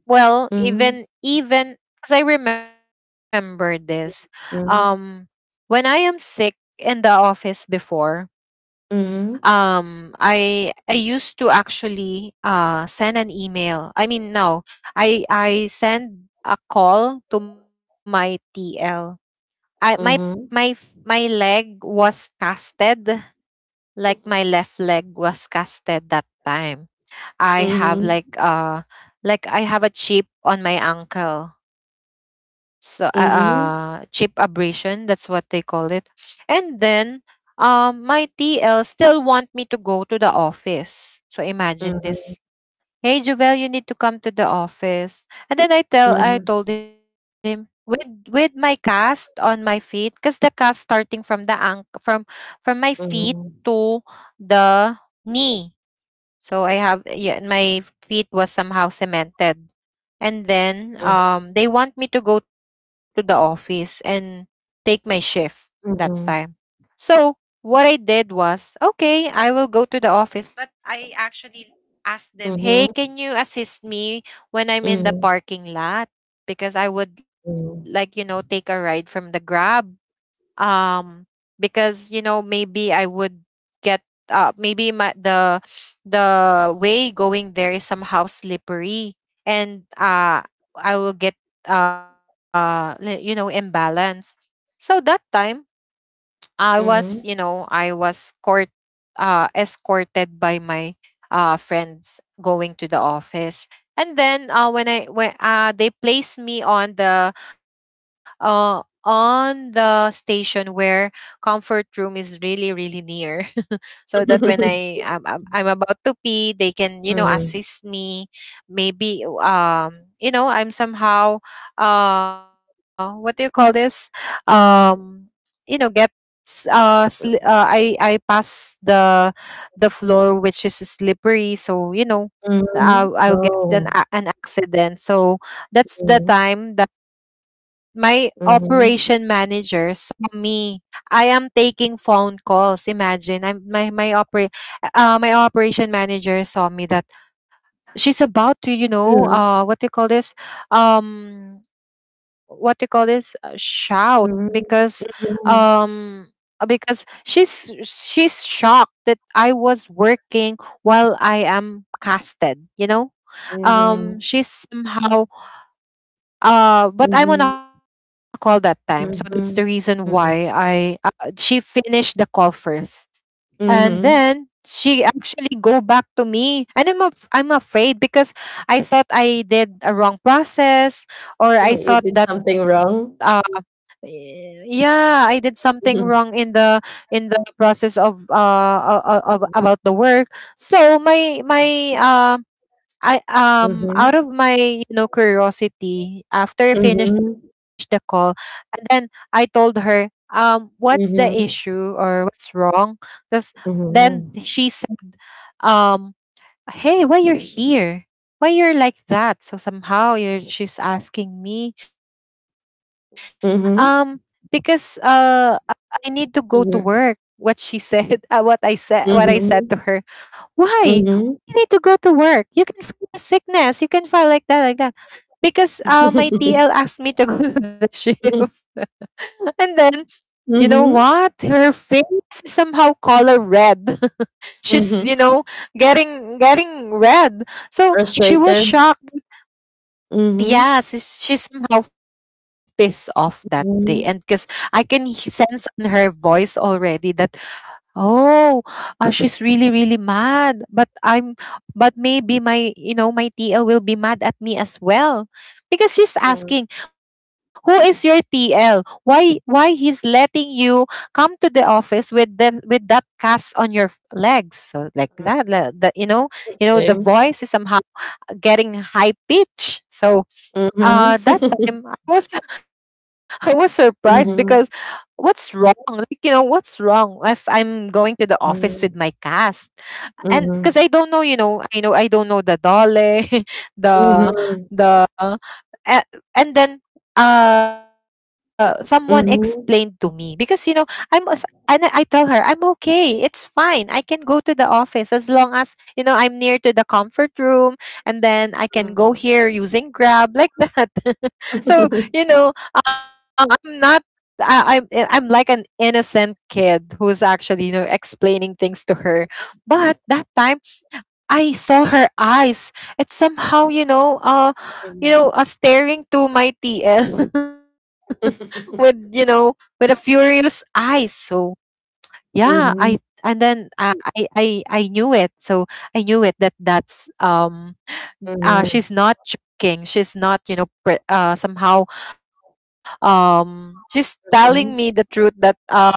[SPEAKER 2] well,
[SPEAKER 1] Mhm,
[SPEAKER 2] even even because I remember this. Um,
[SPEAKER 1] mhm,
[SPEAKER 2] when I am sick in the office before,
[SPEAKER 1] mhm,
[SPEAKER 2] um, I I used to actually uh send an email. I mean, no, I I send a call to my T L. I my my f-
[SPEAKER 1] mhm,
[SPEAKER 2] my leg was casted, like my left leg was casted that time. I have
[SPEAKER 1] mhm,
[SPEAKER 2] like uh like I have a chip on my ankle. So uh, uh chip
[SPEAKER 1] mhm,
[SPEAKER 2] abrasion, that's what they call it. And then um my TL still want me to go to the office, so imagine this.
[SPEAKER 1] mhm.
[SPEAKER 2] Hey Jovel, you need to come to the office. And then i tell I
[SPEAKER 1] Mhm,
[SPEAKER 2] told him with with my cast on my feet, because the cast starting from the ank from from my feet to
[SPEAKER 1] mhm,
[SPEAKER 2] the knee. So I have, yeah, my feet was somehow cemented. And then
[SPEAKER 1] mhm,
[SPEAKER 2] um they want me to go to the office and take my shift that time.
[SPEAKER 1] mhm,
[SPEAKER 2] So what I did was, okay, I will go to the office, but I actually asked them, hey,
[SPEAKER 1] mhm,
[SPEAKER 2] can you assist me when I'm in the
[SPEAKER 1] mhm,
[SPEAKER 2] parking lot, because I would like, you know,
[SPEAKER 1] mhm,
[SPEAKER 2] take a ride from the Grab. um because you know maybe I would get uh maybe my the the way going there is somehow slippery. And uh I will get uh li- you know, imbalance. So that time I was, you know,
[SPEAKER 1] mhm,
[SPEAKER 2] I was court, uh, escorted by my uh, friends going to the office. And then uh, when I when uh, they placed me on the uh, on the station where comfort room is really really near, so that when I I'm, I'm I'm about to pee, they can, you know,
[SPEAKER 1] mhm.
[SPEAKER 2] assist me. Maybe um you know, I'm somehow uh what do you call this, um you know, get s- uh, sli- uh I I pass the the floor which is slippery. So you know, I'll,
[SPEAKER 1] mhm.
[SPEAKER 2] I'll get an,
[SPEAKER 1] Oh,
[SPEAKER 2] a- an accident. So that's the
[SPEAKER 1] mhm,
[SPEAKER 2] time that my operation
[SPEAKER 1] mhm,
[SPEAKER 2] manager saw me. I am taking phone calls. Imagine, I'm my my oper uh my operation manager saw me that she's about to, you know, uh what do you call this, um what do you call this Uh, shout because
[SPEAKER 1] mhm,
[SPEAKER 2] um
[SPEAKER 1] mhm,
[SPEAKER 2] because she's she's shocked that I was working while I am casted, you know. Um
[SPEAKER 1] mhm,
[SPEAKER 2] she's somehow uh but
[SPEAKER 1] mhm,
[SPEAKER 2] I'm on a
[SPEAKER 1] mhm,
[SPEAKER 2] call that time, so that's the reason
[SPEAKER 1] mhm,
[SPEAKER 2] why I
[SPEAKER 1] mhm,
[SPEAKER 2] uh, she finished the call first and then
[SPEAKER 1] mhm.
[SPEAKER 2] she actually go back to me. And I'm af- I'm afraid because I thought I did a wrong process, or I thought
[SPEAKER 1] You did
[SPEAKER 2] that
[SPEAKER 1] something
[SPEAKER 2] uh,
[SPEAKER 1] wrong.
[SPEAKER 2] yeah, I did something wrong in
[SPEAKER 1] Mhm,
[SPEAKER 2] the in the process of uh, uh of about the
[SPEAKER 1] mhm,
[SPEAKER 2] work. So my my uh I um
[SPEAKER 1] mhm,
[SPEAKER 2] out of my, you know, curiosity, after I finished the
[SPEAKER 1] mhm,
[SPEAKER 2] call, then I told her, um, what's the issue
[SPEAKER 1] mhm,
[SPEAKER 2] or what's wrong? Because then
[SPEAKER 1] mhm,
[SPEAKER 2] she said, um, hey, why you're here? Why you're like that? So somehow you're, she's asking me, um, because
[SPEAKER 1] mhm,
[SPEAKER 2] uh, I need to go to work, what she
[SPEAKER 1] mhm,
[SPEAKER 2] said. Uh, what I said, what I said to her.
[SPEAKER 1] mhm.
[SPEAKER 2] Why? You need to go to
[SPEAKER 1] Mhm.
[SPEAKER 2] work. You can have sickness. You can file like that, like that. Because uh, my T L asked me to go to the shift. And then, you know what? Her face is somehow color
[SPEAKER 1] mhm.
[SPEAKER 2] red. She's, you
[SPEAKER 1] Mhm.
[SPEAKER 2] know, getting getting red. So she was
[SPEAKER 1] Frustrated.
[SPEAKER 2] shocked.
[SPEAKER 1] Mm-hmm.
[SPEAKER 2] Yes, she's, she's somehow pissed off that day. And because I can he- sense in her voice already that, oh, uh, she's really, really mad. But I'm, but maybe my, you know, my T L will be mad at me as well, because she's asking,
[SPEAKER 1] Mm-hmm.
[SPEAKER 2] who is your T L? Why, why he's letting you come to the office with the with that cast on your f- legs, so like that, like the, you know, you know, the
[SPEAKER 1] Okay.
[SPEAKER 2] voice is somehow getting high pitch. So uh, that
[SPEAKER 1] Mm-hmm.
[SPEAKER 2] time I was, I was surprised because
[SPEAKER 1] Mhm.
[SPEAKER 2] what's wrong? Like, you know, what's wrong if I'm going to the office with my cast? And
[SPEAKER 1] Mhm. Mm,
[SPEAKER 2] because I
[SPEAKER 1] mm. Okay.
[SPEAKER 2] don't know, you know, I know I don't know the DOLE, the the a- and then uh someone explained to me because, you know, I'm a- and I I tell her I'm okay. It's fine. I can go to the office as long as, you know, I'm near to the comfort room, and then I can go here using Grab, like that. So, you know, um, I'm not I, I'm I'm like an innocent kid who's actually, you know, explaining things to her. But that time I saw her eyes. It's somehow, you know, uh,
[SPEAKER 1] Mhm. Mhm. Mhm.
[SPEAKER 2] you
[SPEAKER 1] Mhm.
[SPEAKER 2] know, uh, staring to my T L with, you know, with a furious eyes. So yeah, I and then uh, I I I knew it. So I knew it that that's um uh she's not joking. She's not, you know, pre- uh somehow um she's telling me the truth that uh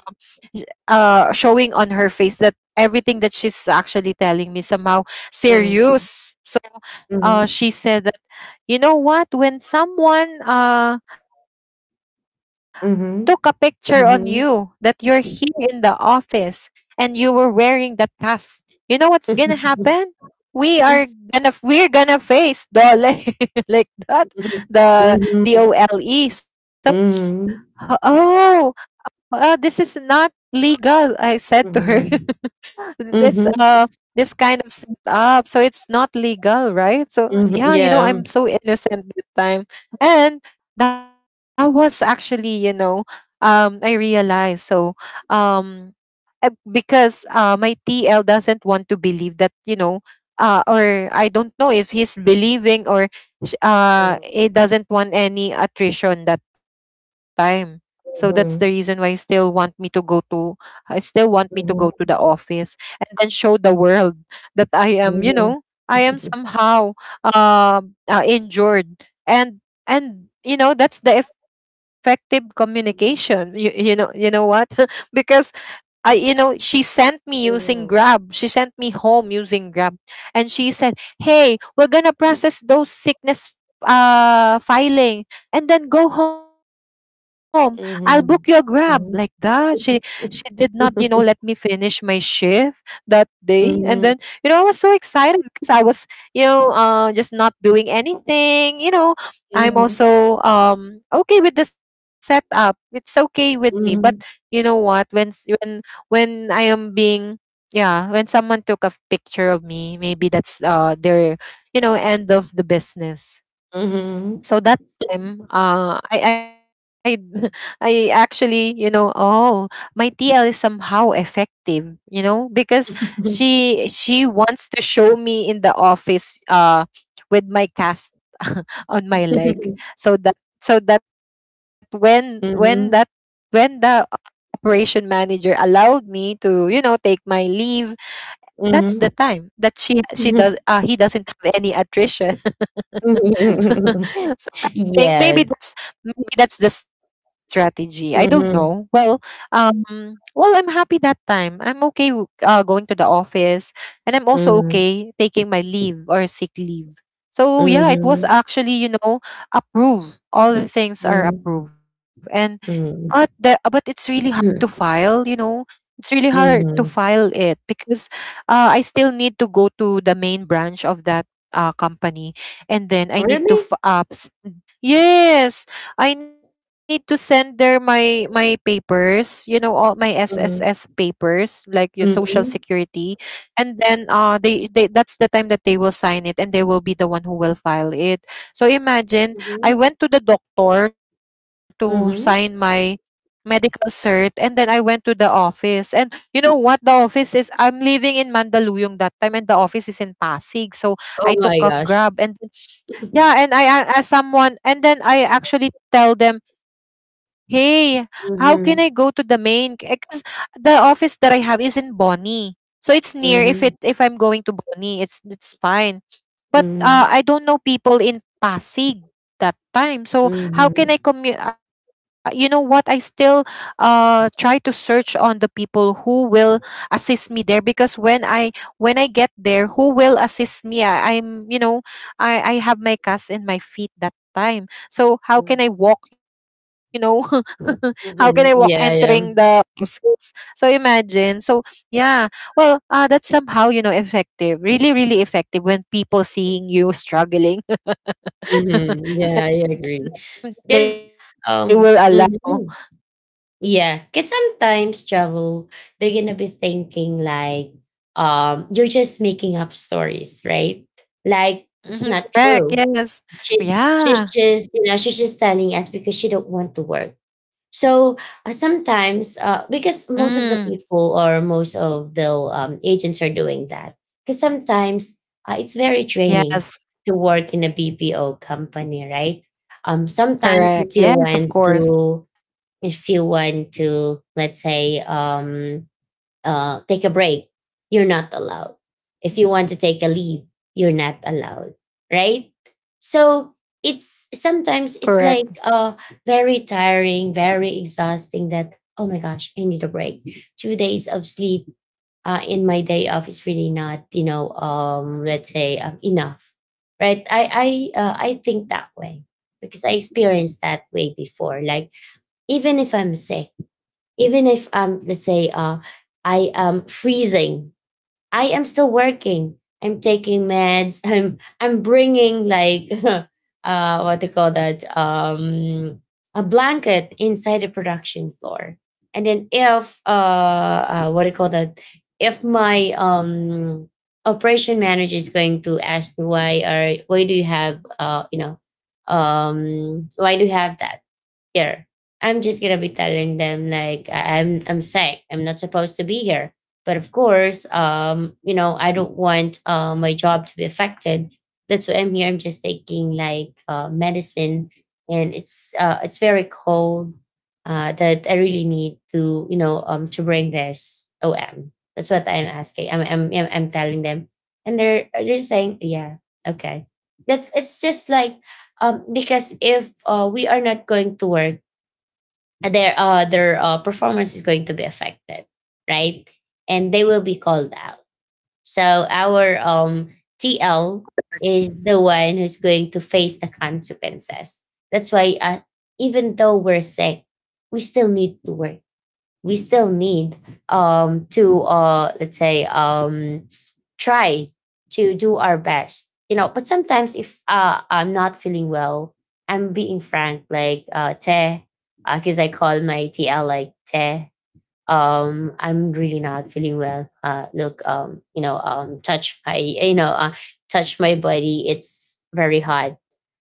[SPEAKER 2] sh- uh showing on her face that everything that she's actually telling me somehow serious. So uh she said, you know what, when someone uh took a picture on you that you're here in the office and you were wearing that cast, you know what's gonna happen? We are gonna
[SPEAKER 1] Mhm.
[SPEAKER 2] we're gonna face DOLE. Like that, the D O L
[SPEAKER 1] Mhm.
[SPEAKER 2] E. So,
[SPEAKER 1] Mm.
[SPEAKER 2] oh, uh, this is not legal, I said to her.
[SPEAKER 1] Mm, mm.
[SPEAKER 2] this
[SPEAKER 1] Mhm. Mhm. Mhm. Mm.
[SPEAKER 2] uh
[SPEAKER 1] Mhm. Mhm.
[SPEAKER 2] this kind of up, so it's not legal, right? So
[SPEAKER 1] Mhm. Mhm. Mhm. Mhm.
[SPEAKER 2] yeah,
[SPEAKER 1] Mhm.
[SPEAKER 2] you
[SPEAKER 1] Mhm.
[SPEAKER 2] know, I'm
[SPEAKER 1] Yeah.
[SPEAKER 2] so innocent at the time. And that was actually, you know, um I realized. So um uh, because uh, my T L doesn't want to believe that, you know, uh, or I don't know if he's believing, or sh- uh,
[SPEAKER 1] Mm.
[SPEAKER 2] he doesn't want any attrition that time. So that's the reason why he
[SPEAKER 1] Mhm.
[SPEAKER 2] still want me to go to I still want me to go to the
[SPEAKER 1] Mhm.
[SPEAKER 2] office and then show the world that I am, you know,
[SPEAKER 1] Mhm.
[SPEAKER 2] I am somehow um uh, injured. and and you know, that's the effective communication, you,
[SPEAKER 1] Mhm.
[SPEAKER 2] you know, you know what? Because I, you know, she sent me using Grab.
[SPEAKER 1] Mhm.
[SPEAKER 2] She sent me home using Grab. And she said, hey, we're going to process those sickness uh filing and then go home. I'll book your Grab, like
[SPEAKER 1] Mhm.
[SPEAKER 2] that. She
[SPEAKER 1] Mhm.
[SPEAKER 2] she did not, you know, let me finish my shift that day. And then, you
[SPEAKER 1] Mhm.
[SPEAKER 2] know, I was so excited because I was, you know, uh just not doing anything. You know, I'm
[SPEAKER 1] Mhm.
[SPEAKER 2] also um okay with the setup. It's okay with me. But you
[SPEAKER 1] Mhm.
[SPEAKER 2] know what? When when when I am being yeah, when someone took a picture of me, maybe that's uh their, you know, end of the business.
[SPEAKER 1] Mhm.
[SPEAKER 2] So that time, uh, I I I actually, you know, oh, my T L is somehow effective, you know, because she she wants to show me in the office uh with my cast on my leg, so that so that when when that
[SPEAKER 1] Mhm.
[SPEAKER 2] when the operation manager allowed me to, you know, take my leave, that's the
[SPEAKER 1] Mhm.
[SPEAKER 2] time that she she does uh, he doesn't have any attrition. Think
[SPEAKER 1] Yes.
[SPEAKER 2] maybe Maybe that's the strategy. I don't know.
[SPEAKER 1] Mhm.
[SPEAKER 2] Well, um, well, I'm happy that time. I'm okay w- uh, going to the office, and I'm also
[SPEAKER 1] Mhm.
[SPEAKER 2] okay taking my leave or sick leave. So yeah, it was
[SPEAKER 1] Mhm.
[SPEAKER 2] actually, you know, approved. All the things are approved. And
[SPEAKER 1] Mhm.
[SPEAKER 2] but the uh, but
[SPEAKER 1] Mhm.
[SPEAKER 2] it's really hard to
[SPEAKER 1] Mm.
[SPEAKER 2] file. You know, it's really hard to
[SPEAKER 1] Mhm.
[SPEAKER 2] file it because uh, I still need to go to the main branch of that uh, company, and then I need to
[SPEAKER 1] Really?
[SPEAKER 2] f- uh, yes, I need to send there my my papers, you know, all my S S S
[SPEAKER 1] Mhm.
[SPEAKER 2] papers, like your social
[SPEAKER 1] Mhm.
[SPEAKER 2] security. And then uh they, they, that's the time that they will sign it and they will be the one who will file it. So imagine, I
[SPEAKER 1] Mhm.
[SPEAKER 2] went to the doctor to sign my
[SPEAKER 1] Mhm.
[SPEAKER 2] medical cert, and then I went to the office. And you know what the office is? I'm living in Mandaluyong that time and the office is in Pasig. So I
[SPEAKER 1] Oh
[SPEAKER 2] took
[SPEAKER 1] my
[SPEAKER 2] a
[SPEAKER 1] gosh.
[SPEAKER 2] Grab, and yeah, and I a- ask someone, and then I actually tell them, "Hey, how can I go to
[SPEAKER 1] Mhm.
[SPEAKER 2] the main? Because the office that I have is in Bonnie, so it's near. If it
[SPEAKER 1] Mhm.
[SPEAKER 2] if I'm going to Bonnie, it's it's fine. But,
[SPEAKER 1] Mhm.
[SPEAKER 2] uh, I don't know people in Pasig that time. So
[SPEAKER 1] Mhm.
[SPEAKER 2] how can I commu uh, you know what? I still uh try to search on the people who will assist me there, because when I when I get there, who will assist me? I, I'm, you know, I I have my cast in my feet that time.
[SPEAKER 1] Mhm.
[SPEAKER 2] So how can I walk, you know? How can I walk
[SPEAKER 1] Mhm. Yeah, yeah.
[SPEAKER 2] entering the, so imagine. So yeah, well, uh, that's somehow, you know, effective, really, really effective when people seeing you struggling.
[SPEAKER 1] Mhm. Yeah, I agree. Cause
[SPEAKER 2] They
[SPEAKER 1] um
[SPEAKER 2] will allow.
[SPEAKER 1] mhm. cause sometimes, travel, they're gonna be thinking like, um, you're just making up stories, right? Like, it's not true.
[SPEAKER 2] Mhm, correct.
[SPEAKER 1] She's
[SPEAKER 2] Yes.
[SPEAKER 1] she's just, you know, she's
[SPEAKER 2] Yeah.
[SPEAKER 1] just telling us because she don't want to work. So uh, sometimes, uh,
[SPEAKER 2] Mm.
[SPEAKER 1] because most of the people or most of the um, agents are doing that, because sometimes uh, it's very
[SPEAKER 2] Yes.
[SPEAKER 1] training to work in a B P O company, right? Um, sometimes
[SPEAKER 2] Correct.
[SPEAKER 1] if you
[SPEAKER 2] Yes, of
[SPEAKER 1] want
[SPEAKER 2] course.
[SPEAKER 1] to, if you want to, let's say, um, uh, take a break, you're not allowed. If you want to take a leave, you're not allowed, right? So it's sometimes it's like
[SPEAKER 2] Correct.
[SPEAKER 1] uh, very tiring, very exhausting. That, oh my gosh, I need a break. Two days of sleep uh, in my day off is really not, you know, um, let's say um, enough, right? I I uh, I think that way because I experienced that way before. Like, even if I'm sick, even if, um let's say, uh I am freezing, I am still working. I'm taking meds, i'm i'm bringing like, uh what do you call that, um a blanket inside the production floor. And then if uh, uh what do you call that, if my um operation manager is going to ask me, why are why do you have uh you know um why do you have that here? I'm just gonna be telling them like, I- I'm I'm sick. I'm not supposed to be here. But of course, um, you know, I don't want uh, my job to be affected. That's why I'm here. I'm just taking like, uh, medicine, and it's uh, it's very cold. Uh, that I really need to, you know um to bring this O M. That's what I'm asking. I'm I'm I'm I'm telling them, and they're they're saying yeah, okay. That's it's just like, um because if uh, we are not going to work, uh, their uh their uh, performance is going to be affected, right, and they will be called out. So our um tl is the one who's going to face the consequences. That's why uh, even though we're sick we still need to work. We still need, um, to uh, let's say, um, try to do our best, you know but sometimes if uh, I'm not feeling well, I'm being frank like, uh, te, because I call my tl like te. um I'm really not feeling well. Uh look, um you know um touch my, you know uh, touch my body, it's very hot.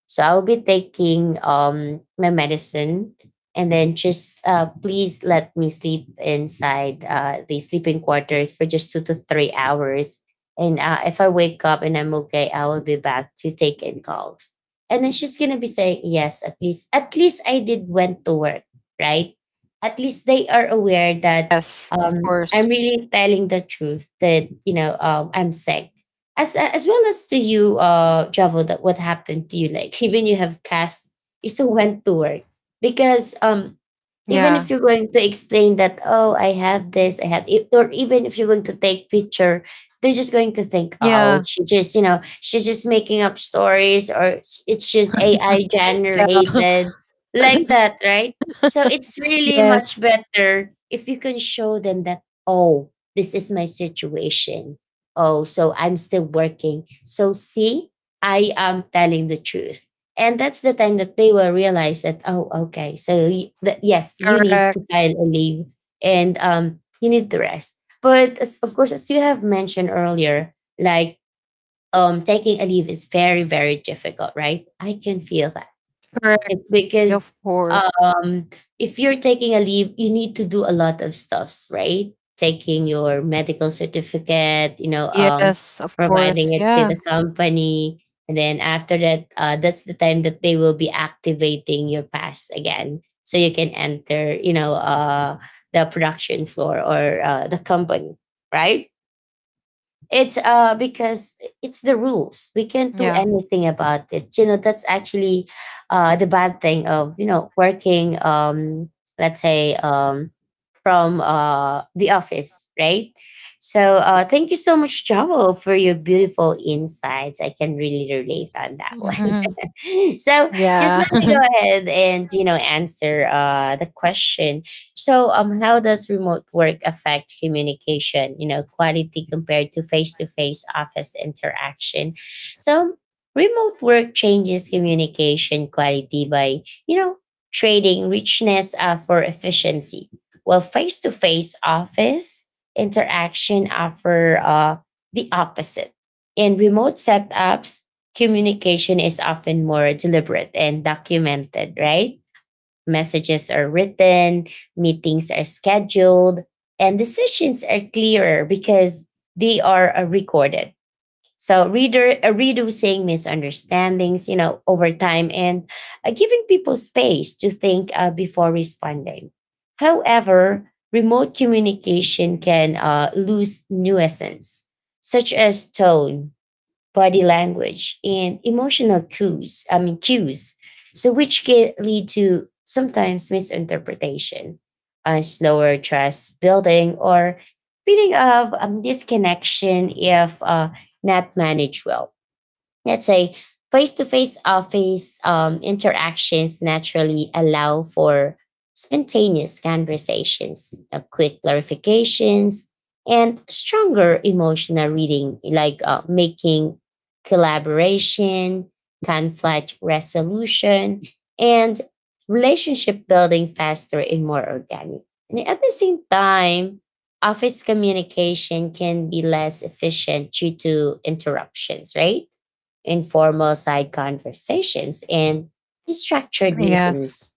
[SPEAKER 1] So I'll be taking um my medicine, and then just uh please let me sleep inside uh the sleeping quarters for just two to three hours. And uh, if I wake up and I'm okay I will be back to take in calls, and then she's gonna be saying yes, at least at least I did went to work, right? At least they are aware that
[SPEAKER 2] Yes, of course.
[SPEAKER 1] um, I'm really telling the truth, that you know um, I'm sick. As as well as to you, uh, Javo, that what happened to you? Like, even you have cast, you still went to work because, um,
[SPEAKER 2] Yeah.
[SPEAKER 1] even if you're going to explain that oh I have this I have it, or even if you're going to take picture, they're just going to think oh
[SPEAKER 2] Yeah.
[SPEAKER 1] she just you know she's just making up stories, or it's it's just A I generated,
[SPEAKER 2] Yeah.
[SPEAKER 1] like that, right? So it's really
[SPEAKER 2] Yes.
[SPEAKER 1] much better if you can show them that oh this is my situation, oh so I'm still working, so see, I am telling the truth. And that's the time that they will realize that, oh, okay, so y- that yes, you
[SPEAKER 2] Correct.
[SPEAKER 1] need to file a leave, and um, you need to rest. But as, of course, as you have mentioned earlier, like, um, taking a leave is very, very difficult, right? I can feel that,
[SPEAKER 2] Correct.
[SPEAKER 1] it's because,
[SPEAKER 2] Of course.
[SPEAKER 1] um, if you're taking a leave, you need to do a lot of stuffs, right? Taking your medical certificate, you know, um,
[SPEAKER 2] Yes, of course.
[SPEAKER 1] providing it
[SPEAKER 2] Yeah.
[SPEAKER 1] to the company, and then after that, uh, that's the time that they will be activating your pass again, so you can enter, you know, uh, the production floor or uh, the company, right? It's uh because it's the rules. We can't do
[SPEAKER 2] Yeah.
[SPEAKER 1] anything about it. You know, that's actually uh the bad thing of, you know, working, um let's say, um from uh the office, right? So uh thank you so much, Joel, for your beautiful insights. I can really relate on that.
[SPEAKER 2] Mhm.
[SPEAKER 1] So just let
[SPEAKER 2] Yeah.
[SPEAKER 1] me go ahead and you know answer uh the question. So um how does remote work affect communication you know quality compared to face-to-face office interaction? So remote work changes communication quality by you know trading richness, uh, for efficiency. Well, face-to-face office interaction offer uh the opposite. In remote setups, communication is often more deliberate and documented, right? Messages are written, meetings are scheduled, and decisions are clearer because they are, uh, recorded. So, reader, uh, reducing misunderstandings, you know, over time, and uh, giving people space to think, uh, before responding. However, remote communication can, uh, lose nuisance, such as tone, body language, and emotional cues, I mean, cues. So, which can lead to sometimes misinterpretation, uh, slower trust building, or feeling of, um, disconnection if, uh, not managed well. Let's say face-to-face office, um, interactions naturally allow for spontaneous conversations, uh, quick clarifications, and stronger emotional reading, like, uh, making collaboration, conflict resolution, and relationship building faster and more organic. And at the same time, office communication can be less efficient due to interruptions, right? Informal side conversations, and structured
[SPEAKER 2] Yes.
[SPEAKER 1] meetings.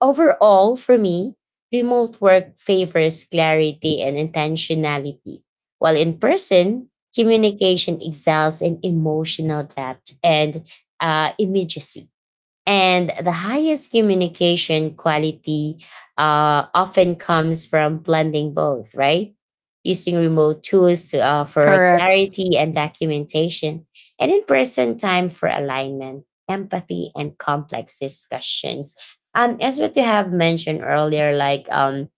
[SPEAKER 1] Overall, for me, remote work favors clarity and intentionality, while in person, communication excels in emotional depth and, uh, immediacy. And the highest communication quality, uh, often comes from blending both, right? Using remote tools to, uh,
[SPEAKER 2] Correct.
[SPEAKER 1] for clarity and documentation, and in person time for alignment, empathy, and complex discussions. Um, as what you have mentioned earlier, like, um,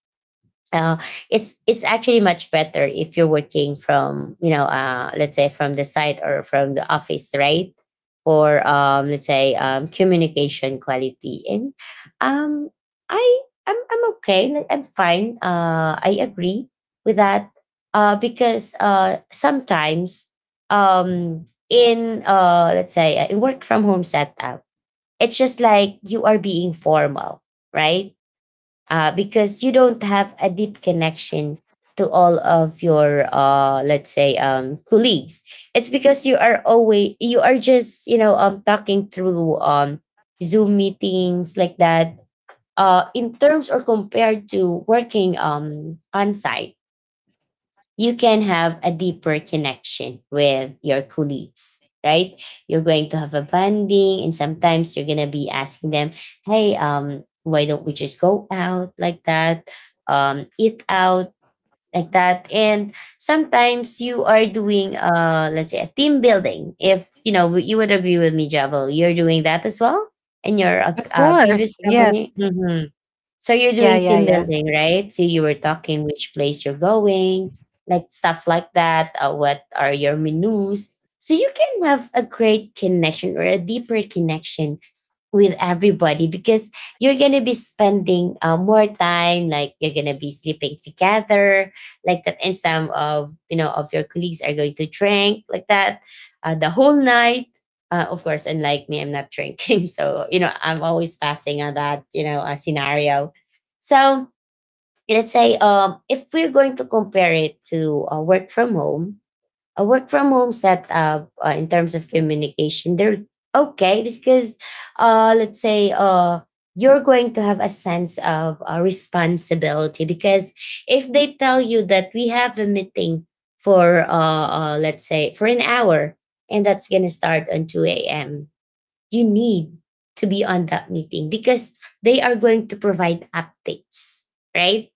[SPEAKER 1] uh, it's it's actually much better if you're working from, you know uh, let's say, from the site or from the office, right? For, um, let's say, um, communication quality, and, um, I, I'm, I'm okay, like, I'm fine, uh, I agree with that, uh, because, uh, sometimes, um, in, uh, let's say, uh, in work from home setup, it's just like you are being formal, right? uh, because you don't have a deep connection to all of your, uh, let's say, um, colleagues. It's because you are always, you are just, you know um, talking through, um, zoom meetings like that. uh, in terms or compared to working, um, on site, you can have a deeper connection with your colleagues, right? You're going to have a bonding, and sometimes you're gonna be asking them, "Hey, um, why don't we just go out like that? Um, eat out." Like that, and sometimes you are doing, uh, let's say, a team building. If you know, you would agree with me, Jabal. You're doing that as well in your, uh,
[SPEAKER 2] Of
[SPEAKER 1] uh,
[SPEAKER 2] course.
[SPEAKER 1] previous
[SPEAKER 2] Yes.
[SPEAKER 1] company. Mhm.
[SPEAKER 2] Yeah,
[SPEAKER 1] So
[SPEAKER 2] yeah,
[SPEAKER 1] you're
[SPEAKER 2] yeah.
[SPEAKER 1] doing team building, right? So you were talking which place you're going, like stuff like that. Uh, what are your menus? So you can have a great connection or a deeper connection with everybody because you're gonna be spending, uh, more time, like you're gonna be sleeping together like that, and some of, you know of your colleagues are going to drink like that, uh, the whole night, uh, of course, unlike me, I'm not drinking. So you know I'm always passing on that you know uh, scenario. So let's say, um if we're going to compare it to, uh, work from home, a work from home setup, uh, in terms of communication, they're okay because, uh let's say, uh you're going to have a sense of, uh, responsibility, because if they tell you that we have a meeting for, uh, uh let's say for an hour, and that's going to start on two a m a.m. You need to be on that meeting because they are going to provide updates, right?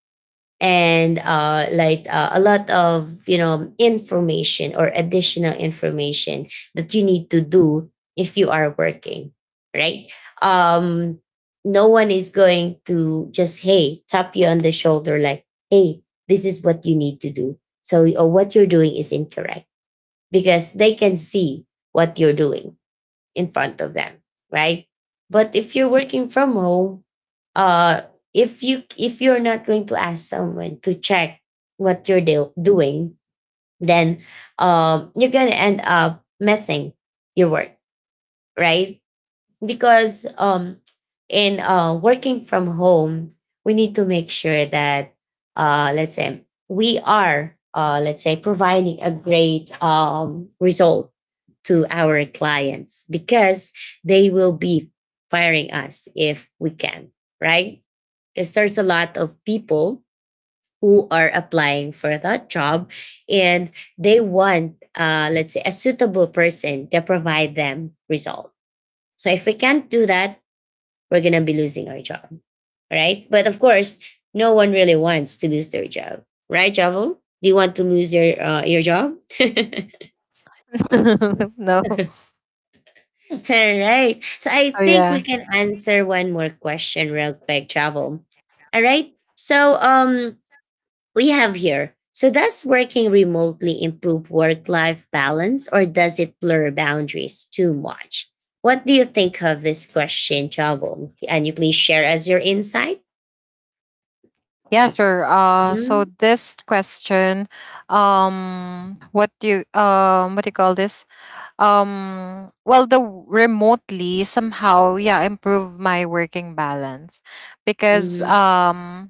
[SPEAKER 1] And, uh, like, uh, a lot of, you know information, or additional information that you need to do if you are working, right? um no one is going to just, hey, tap you on the shoulder like, hey, this is what you need to do. So, or what you're doing is incorrect, because they can see what you're doing in front of them, right? But if you're working from home, uh, if you if you're not going to ask someone to check what you're do- doing, then, um, you're gonna end up messing your work, right? Because, um, in, uh, working from home, we need to make sure that, uh, let's say, we are, uh, let's say, providing a great, um, result to our clients, because they will be firing us if we can, right? Because there's a lot of people who are applying for that job, and they want, uh, let's say, a suitable person to provide them result. So if we can't do that, we're going to be losing our job, right? But of course, no one really wants to lose their job, right, Javel? Do you want to lose your uh, your job?
[SPEAKER 2] No.
[SPEAKER 1] All right. So I
[SPEAKER 2] Oh
[SPEAKER 1] think we
[SPEAKER 2] yeah.
[SPEAKER 1] can answer one more question real quick, Travel. All right. So, um we have here. So does working remotely improve work-life balance, or does it blur boundaries too much? What do you think of this question, Travel? Can you please share us your insight?
[SPEAKER 2] Yeah, sure. Uh so
[SPEAKER 1] Mhm,
[SPEAKER 2] this question, um what do you um what do you call this? Um well, the w- remotely somehow, yeah, improve my working balance because
[SPEAKER 1] mhm,
[SPEAKER 2] um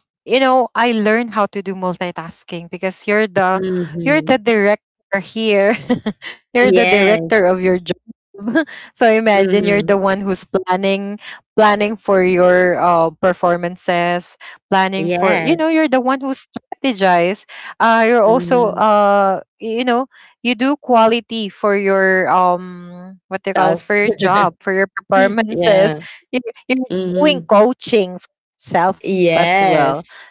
[SPEAKER 2] you know, I learned how to do multitasking because you're the you're the
[SPEAKER 1] mhm.
[SPEAKER 2] director here you're the
[SPEAKER 1] Yes.
[SPEAKER 2] director of your job. So imagine, you're the
[SPEAKER 1] Mhm.
[SPEAKER 2] one who's planning, planning for your uh, performances, planning for, you
[SPEAKER 1] Yes.
[SPEAKER 2] know, you're the one who strategize. Uh you're also,
[SPEAKER 1] Mhm.
[SPEAKER 2] uh you know, you do quality for your um what they call this, for
[SPEAKER 1] Self.
[SPEAKER 2] your job, for your performances.
[SPEAKER 1] Yeah.
[SPEAKER 2] You're doing
[SPEAKER 1] Mhm.
[SPEAKER 2] coaching self as well.
[SPEAKER 1] Yes.
[SPEAKER 2] So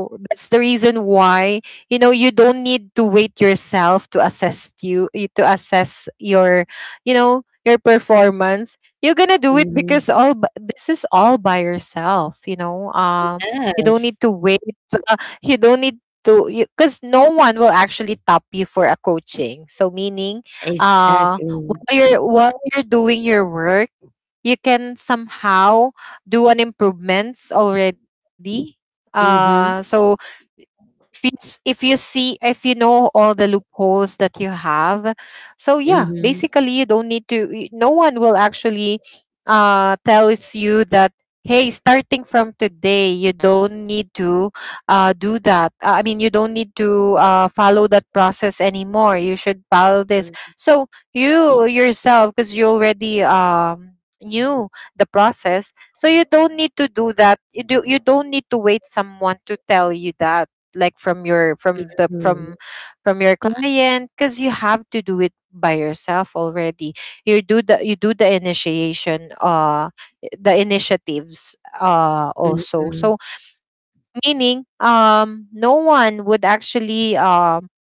[SPEAKER 2] that's the reason why, you know, you don't need to wait yourself to assess you you- to assess your, you know, your performance. You're gonna do it because all b- this is all by yourself. You know, um, you don't need
[SPEAKER 1] Yes,
[SPEAKER 2] to wait. uh, you don't need to, because no one will actually top you for a coaching. So meaning, uh,
[SPEAKER 1] exactly.
[SPEAKER 2] while you're while you're doing your work, you can somehow do an improvements already. Uh, so
[SPEAKER 1] Mhm,
[SPEAKER 2] if you, s- if you see, if you know all the loopholes that you have, so yeah,
[SPEAKER 1] mhm,
[SPEAKER 2] basically you don't need to y- no one will actually uh tells you that, hey, starting from today, you don't need to uh do that. Uh, I mean, you don't need to uh follow that process anymore, you should follow this. So you yourself, because you already um knew the process, so you don't need to do that. You do you don't need to wait someone to tell you that, like, from your, from the
[SPEAKER 1] mhm,
[SPEAKER 2] from from your client, because you have to do it by yourself already. You do the you do the initiation, uh the initiatives, uh also.
[SPEAKER 1] mhm,
[SPEAKER 2] So meaning, um no one would actually um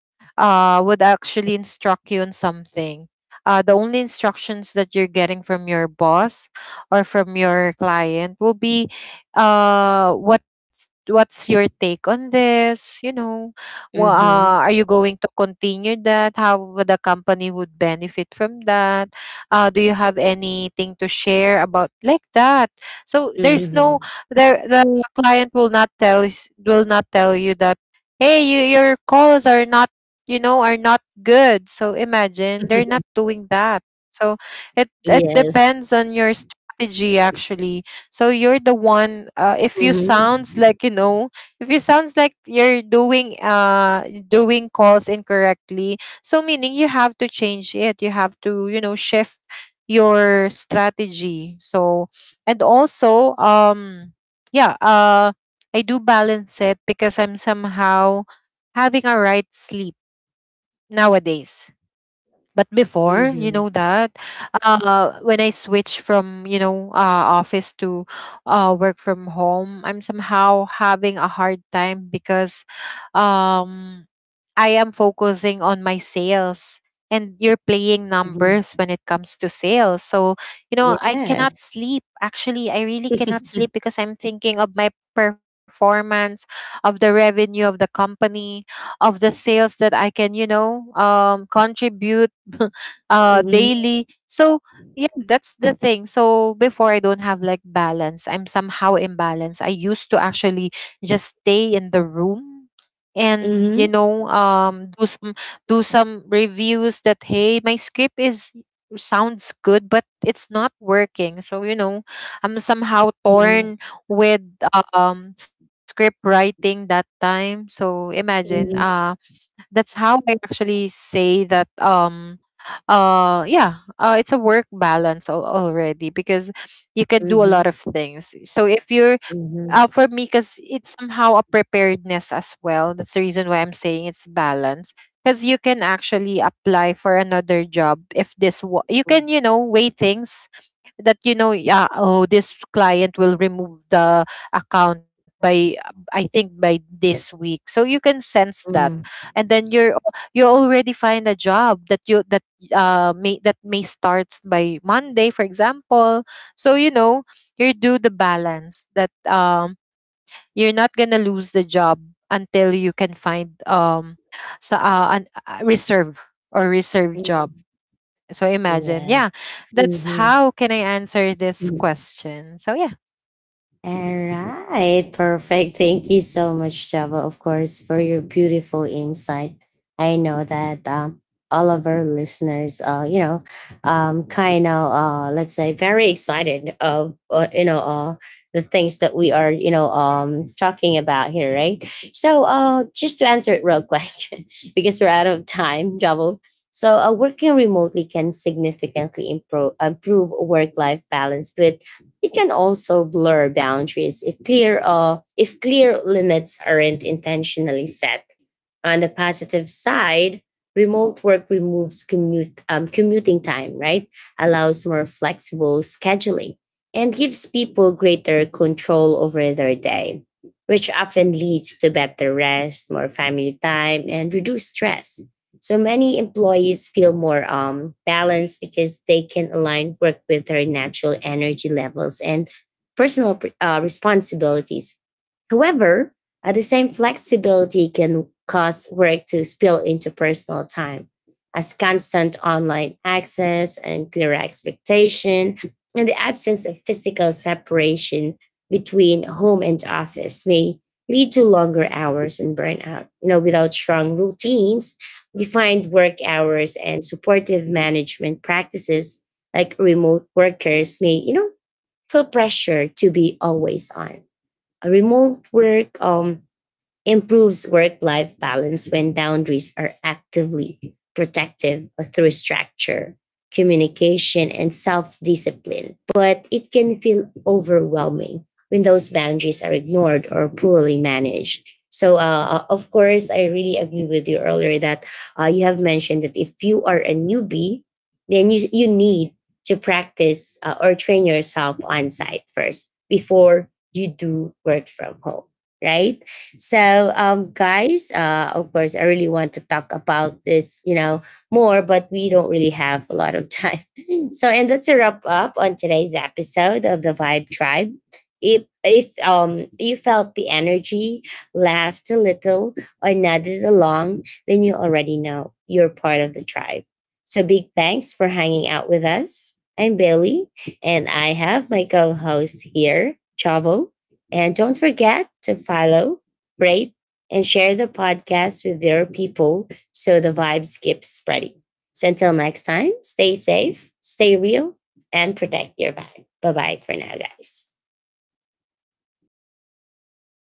[SPEAKER 2] uh, would actually instruct you on something. Uh, the only instructions that you're getting from your boss or from your client will be, uh, what's what's your take on this, you know, well, uh,
[SPEAKER 1] mhm,
[SPEAKER 2] are you going to continue that, how would the company would benefit from that, uh, do you have anything to share about like that. So there's no,
[SPEAKER 1] mhm.
[SPEAKER 2] there the client will not tell is- will not tell you that, hey, you, your calls are not, you know, are not good. So imagine, they're not doing that. So it it
[SPEAKER 1] Yes.
[SPEAKER 2] depends on your strategy, actually. So you're the one, uh, if you sounds
[SPEAKER 1] Mhm,
[SPEAKER 2] like, you know, if you sounds like you're doing uh doing calls incorrectly, so meaning you have to change it. You have to, you know, shift your strategy. So, and also, um yeah, uh I do balance it because I'm somehow having a right sleep nowadays. But before, you
[SPEAKER 1] mhm,
[SPEAKER 2] know that, uh, when I switch from, you know, uh, office to, uh, work from home, I'm somehow having a hard time because, um, I am focusing on my sales and you're playing numbers
[SPEAKER 1] mhm.
[SPEAKER 2] when it comes to sales. So, you know, I cannot
[SPEAKER 1] Yes.
[SPEAKER 2] sleep. Actually, I really cannot sleep because I'm thinking of my performance, of the revenue of the company, of the sales that I can, you know, um, contribute uh
[SPEAKER 1] Mhm,
[SPEAKER 2] daily. So yeah, that's the thing. So before, I don't have like balance, I'm somehow imbalanced. I used to actually just stay in the room and, you
[SPEAKER 1] mhm,
[SPEAKER 2] know, um do some, do some reviews that, hey, my script is sounds good but it's not working. So, you know, I'm somehow
[SPEAKER 1] mhm,
[SPEAKER 2] torn with um script writing that time. So imagine, uh that's how I actually say that, um uh yeah, uh it's a work balance al- already, because you can do a
[SPEAKER 1] mhm,
[SPEAKER 2] lot of things. So if you're,
[SPEAKER 1] mhm,
[SPEAKER 2] uh, for me, because it's somehow a preparedness as well, that's the reason why I'm saying it's balance, because you can actually apply for another job. If this wa- you
[SPEAKER 1] mhm,
[SPEAKER 2] can, you know, weigh things that, you know, yeah, oh, this client will remove the account by, uh, I think by this week. So you can sense that,
[SPEAKER 1] mhm,
[SPEAKER 2] and then you're, you already find a job that you that uh may that may starts by Monday, for example. So, you know, you do the balance that, um you're not gonna lose the job until you can find, um so uh, an uh, reserve, or reserve job.
[SPEAKER 1] mhm.
[SPEAKER 2] So imagine,
[SPEAKER 1] Yes.
[SPEAKER 2] yeah, that's
[SPEAKER 1] Mhm,
[SPEAKER 2] how can I answer this
[SPEAKER 1] mhm.
[SPEAKER 2] question. So yeah,
[SPEAKER 1] All right, perfect. Thank you so much, Java, of course, for your beautiful insight. I know that, um, all of our listeners, uh, you know, um, kind of, uh, let's say, very excited of, uh, you know, uh, the things that we are, you know, um, talking about here, right? So, uh, just to answer it real quick, because we're out of time, Javo. So, uh, working remotely can significantly improve, improve work life balance, but it can also blur boundaries if clear, uh, if clear limits aren't intentionally set. On the positive side, remote work removes commute, um, commuting time, right? Allows more flexible scheduling, and gives people greater control over their day, which often leads to better rest, more family time, and reduced stress. So many employees feel more, um, balanced, because they can align work with their natural energy levels and personal, uh, responsibilities. However, uh, the same flexibility can cause work to spill into personal time, as constant online access and clear expectation, and the absence of physical separation between home and office, may lead to longer hours and burnout. You know, without strong routines, defined work hours, and supportive management practices, like remote workers may, you know, feel pressure to be always on. A remote work, um improves work life balance when boundaries are actively protective through structure, communication, and self discipline. But it can feel overwhelming when those boundaries are ignored or poorly managed. So, uh, uh, of course, I really agree with you earlier that, uh, you have mentioned that if you are a newbie, then you, you need to practice, uh, or train yourself on site first before you do work from home, right? So, um, guys, uh, of course, I really want to talk about this, you know, more, but we don't really have a lot of time. So, and that's a wrap up on today's episode of the Vibe Tribe. If if um you felt the energy, laughed a little, or nodded along, then you already know you're part of the tribe. So, big thanks for hanging out with us. I'm Bailey, and I have my co-host here, Chavo. And don't forget to follow, rate, and share the podcast with your people, so the vibes keep spreading. So until next time, stay safe, stay real, and protect your vibe. Bye bye for now, guys.
[SPEAKER 2] bye.